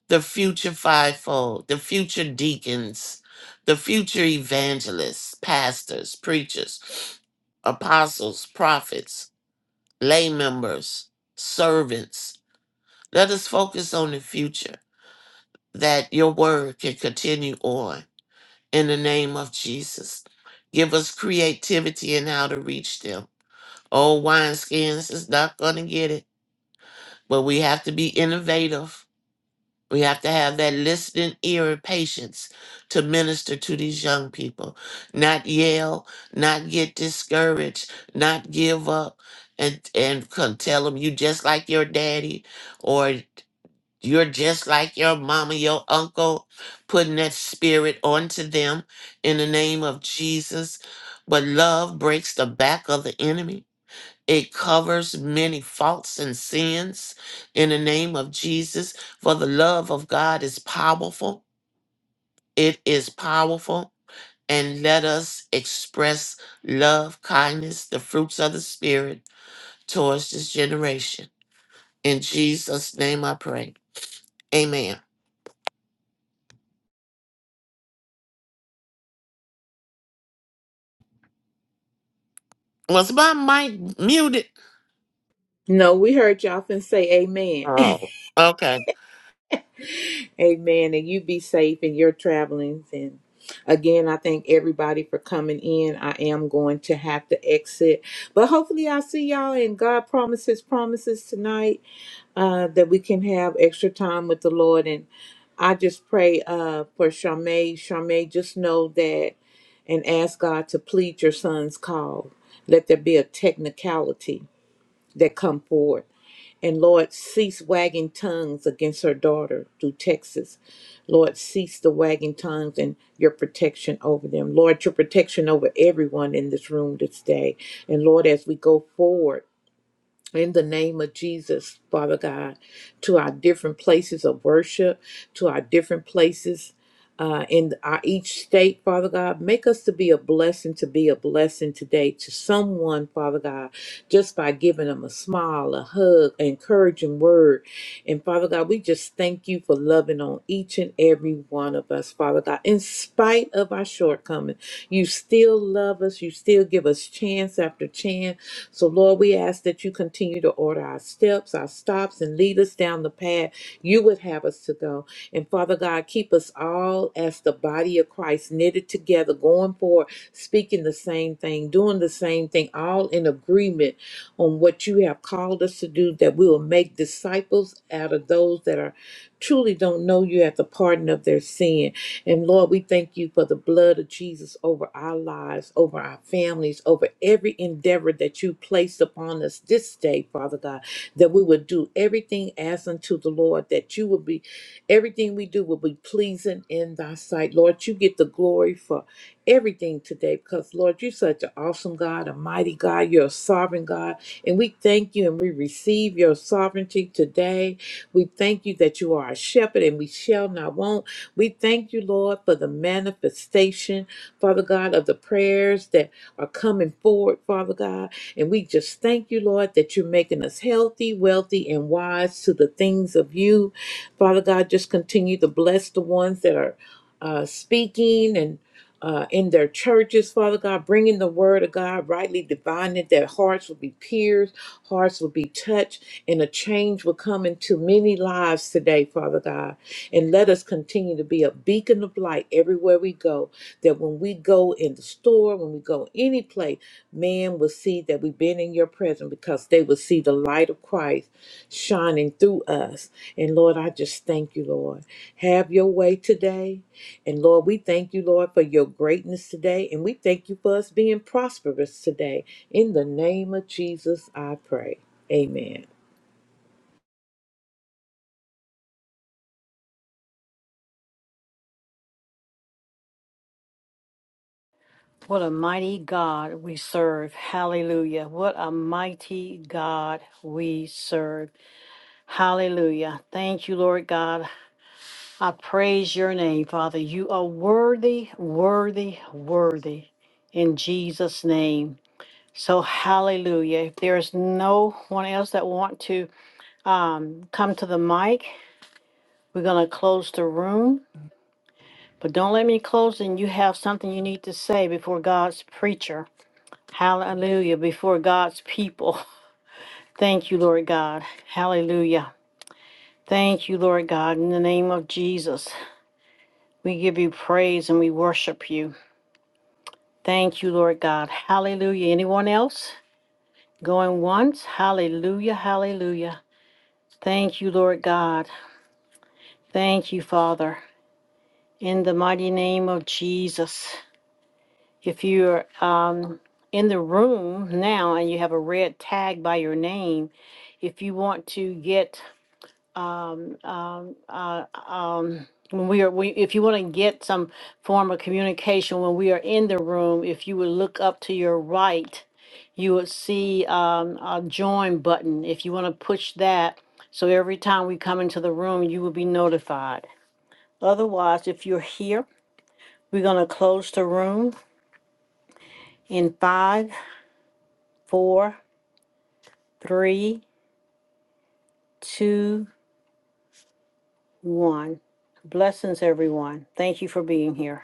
S6: the future fivefold, the future deacons, the future evangelists, pastors, preachers, apostles, prophets, lay members, servants. Let us focus on the future that your word can continue on in the name of Jesus. Give us creativity in how to reach them. Old wineskins is not going to get it, but we have to be innovative We have to have that listening ear and patience to minister to these young people. Not yell, not get discouraged, not give up, and and con- tell them you just like your daddy, or you're just like your mama, your uncle, putting that spirit onto them in the name of Jesus. But love breaks the back of the enemy. It covers many faults and sins in the name of Jesus. For the love of God is powerful. It is powerful. And let us express love, kindness, the fruits of the Spirit towards this generation. In Jesus' name I pray. Amen. Was my mic muted?
S3: No, we heard y'all finna say amen.
S6: Oh, okay.
S3: amen. And you be safe in your travelings. And again, I thank everybody for coming in. I am going to have to exit. But hopefully I'll see y'all and God promises promises tonight uh that we can have extra time with the Lord. And I just pray uh for Charmaine. Charmaine, just know that and ask God to plead your son's call. Let there be a technicality that come forward. And Lord, cease wagging tongues against her daughter through Texas. Lord, cease the wagging tongues and your protection over them. Lord, your protection over everyone in this room this day. And Lord, as we go forward, in the name of Jesus, Father God, to our different places of worship, to our different places uh, in our each state, Father God. Make us to be a blessing, to be a blessing today to someone, Father God, just by giving them a smile, a hug, an encouraging word. And Father God, we just thank you for loving on each and every one of us, Father God. In spite of our shortcomings, you still love us. You still give us chance after chance. So, Lord, we ask that you continue to order our steps, our stops, and lead us down the path you would have us to go. And Father God, keep us all as the body of Christ knitted together, going forward, speaking the same thing, doing the same thing, all in agreement on what you have called us to do, that we will make disciples out of those that are truly don't know you at the pardon of their sin. And Lord, we thank you for the blood of Jesus over our lives, over our families, over every endeavor that you placed upon us this day, Father God, that we would do everything as unto the Lord, that you would be, everything we do will be pleasing in thy sight. Lord, you get the glory for everything today because, Lord, you're such an awesome God, a mighty God. You're a sovereign God. And we thank you and we receive your sovereignty today. We thank you that you are a shepherd and we shall not want. We thank you, Lord, for the manifestation, Father God, of the prayers that are coming forward, Father God. And we just thank you, Lord, that you're making us healthy, wealthy, and wise to the things of you. Father God, just continue to bless the ones that are uh, speaking and uh, in their churches, Father God, bringing the word of God, rightly divining that hearts will be pierced, hearts will be touched, and a change will come into many lives today, Father God. And let us continue to be a beacon of light everywhere we go, that when we go in the store, when we go any place, Men will see that we've been in your presence because they will see the light of Christ shining through us. And Lord, I just thank you, Lord. Have your way today. And Lord, we thank you, Lord, for your greatness today. And we thank you for us being prosperous today. In the name of Jesus, I pray. Amen.
S4: What a mighty God we serve. Hallelujah. What a mighty God we serve. Hallelujah. Thank you, Lord God. I praise your name, Father. You are worthy, worthy, worthy in Jesus' name. So hallelujah. If there's no one else that want to um, come to the mic, we're going to close the room. But don't let me close and you have something you need to say before God's preacher. Hallelujah. Before God's people. Thank you, Lord God. Hallelujah. Thank you, Lord God. In the name of Jesus, we give you praise and we worship you. Thank you, Lord God. Hallelujah. Anyone else? Going once? Hallelujah. Hallelujah. Thank you, Lord God. Thank you, Father. In the mighty name of Jesus. If you're um, in the room now and you have a red tag by your name, if you want to get when we are we if you want to get some form of communication when we are in the room if you would look up to your right you would see um, a join button if you want to push that so every time we come into the room you will be notified otherwise if you're here we're going to close the room in five four three two one blessings everyone thank you for being here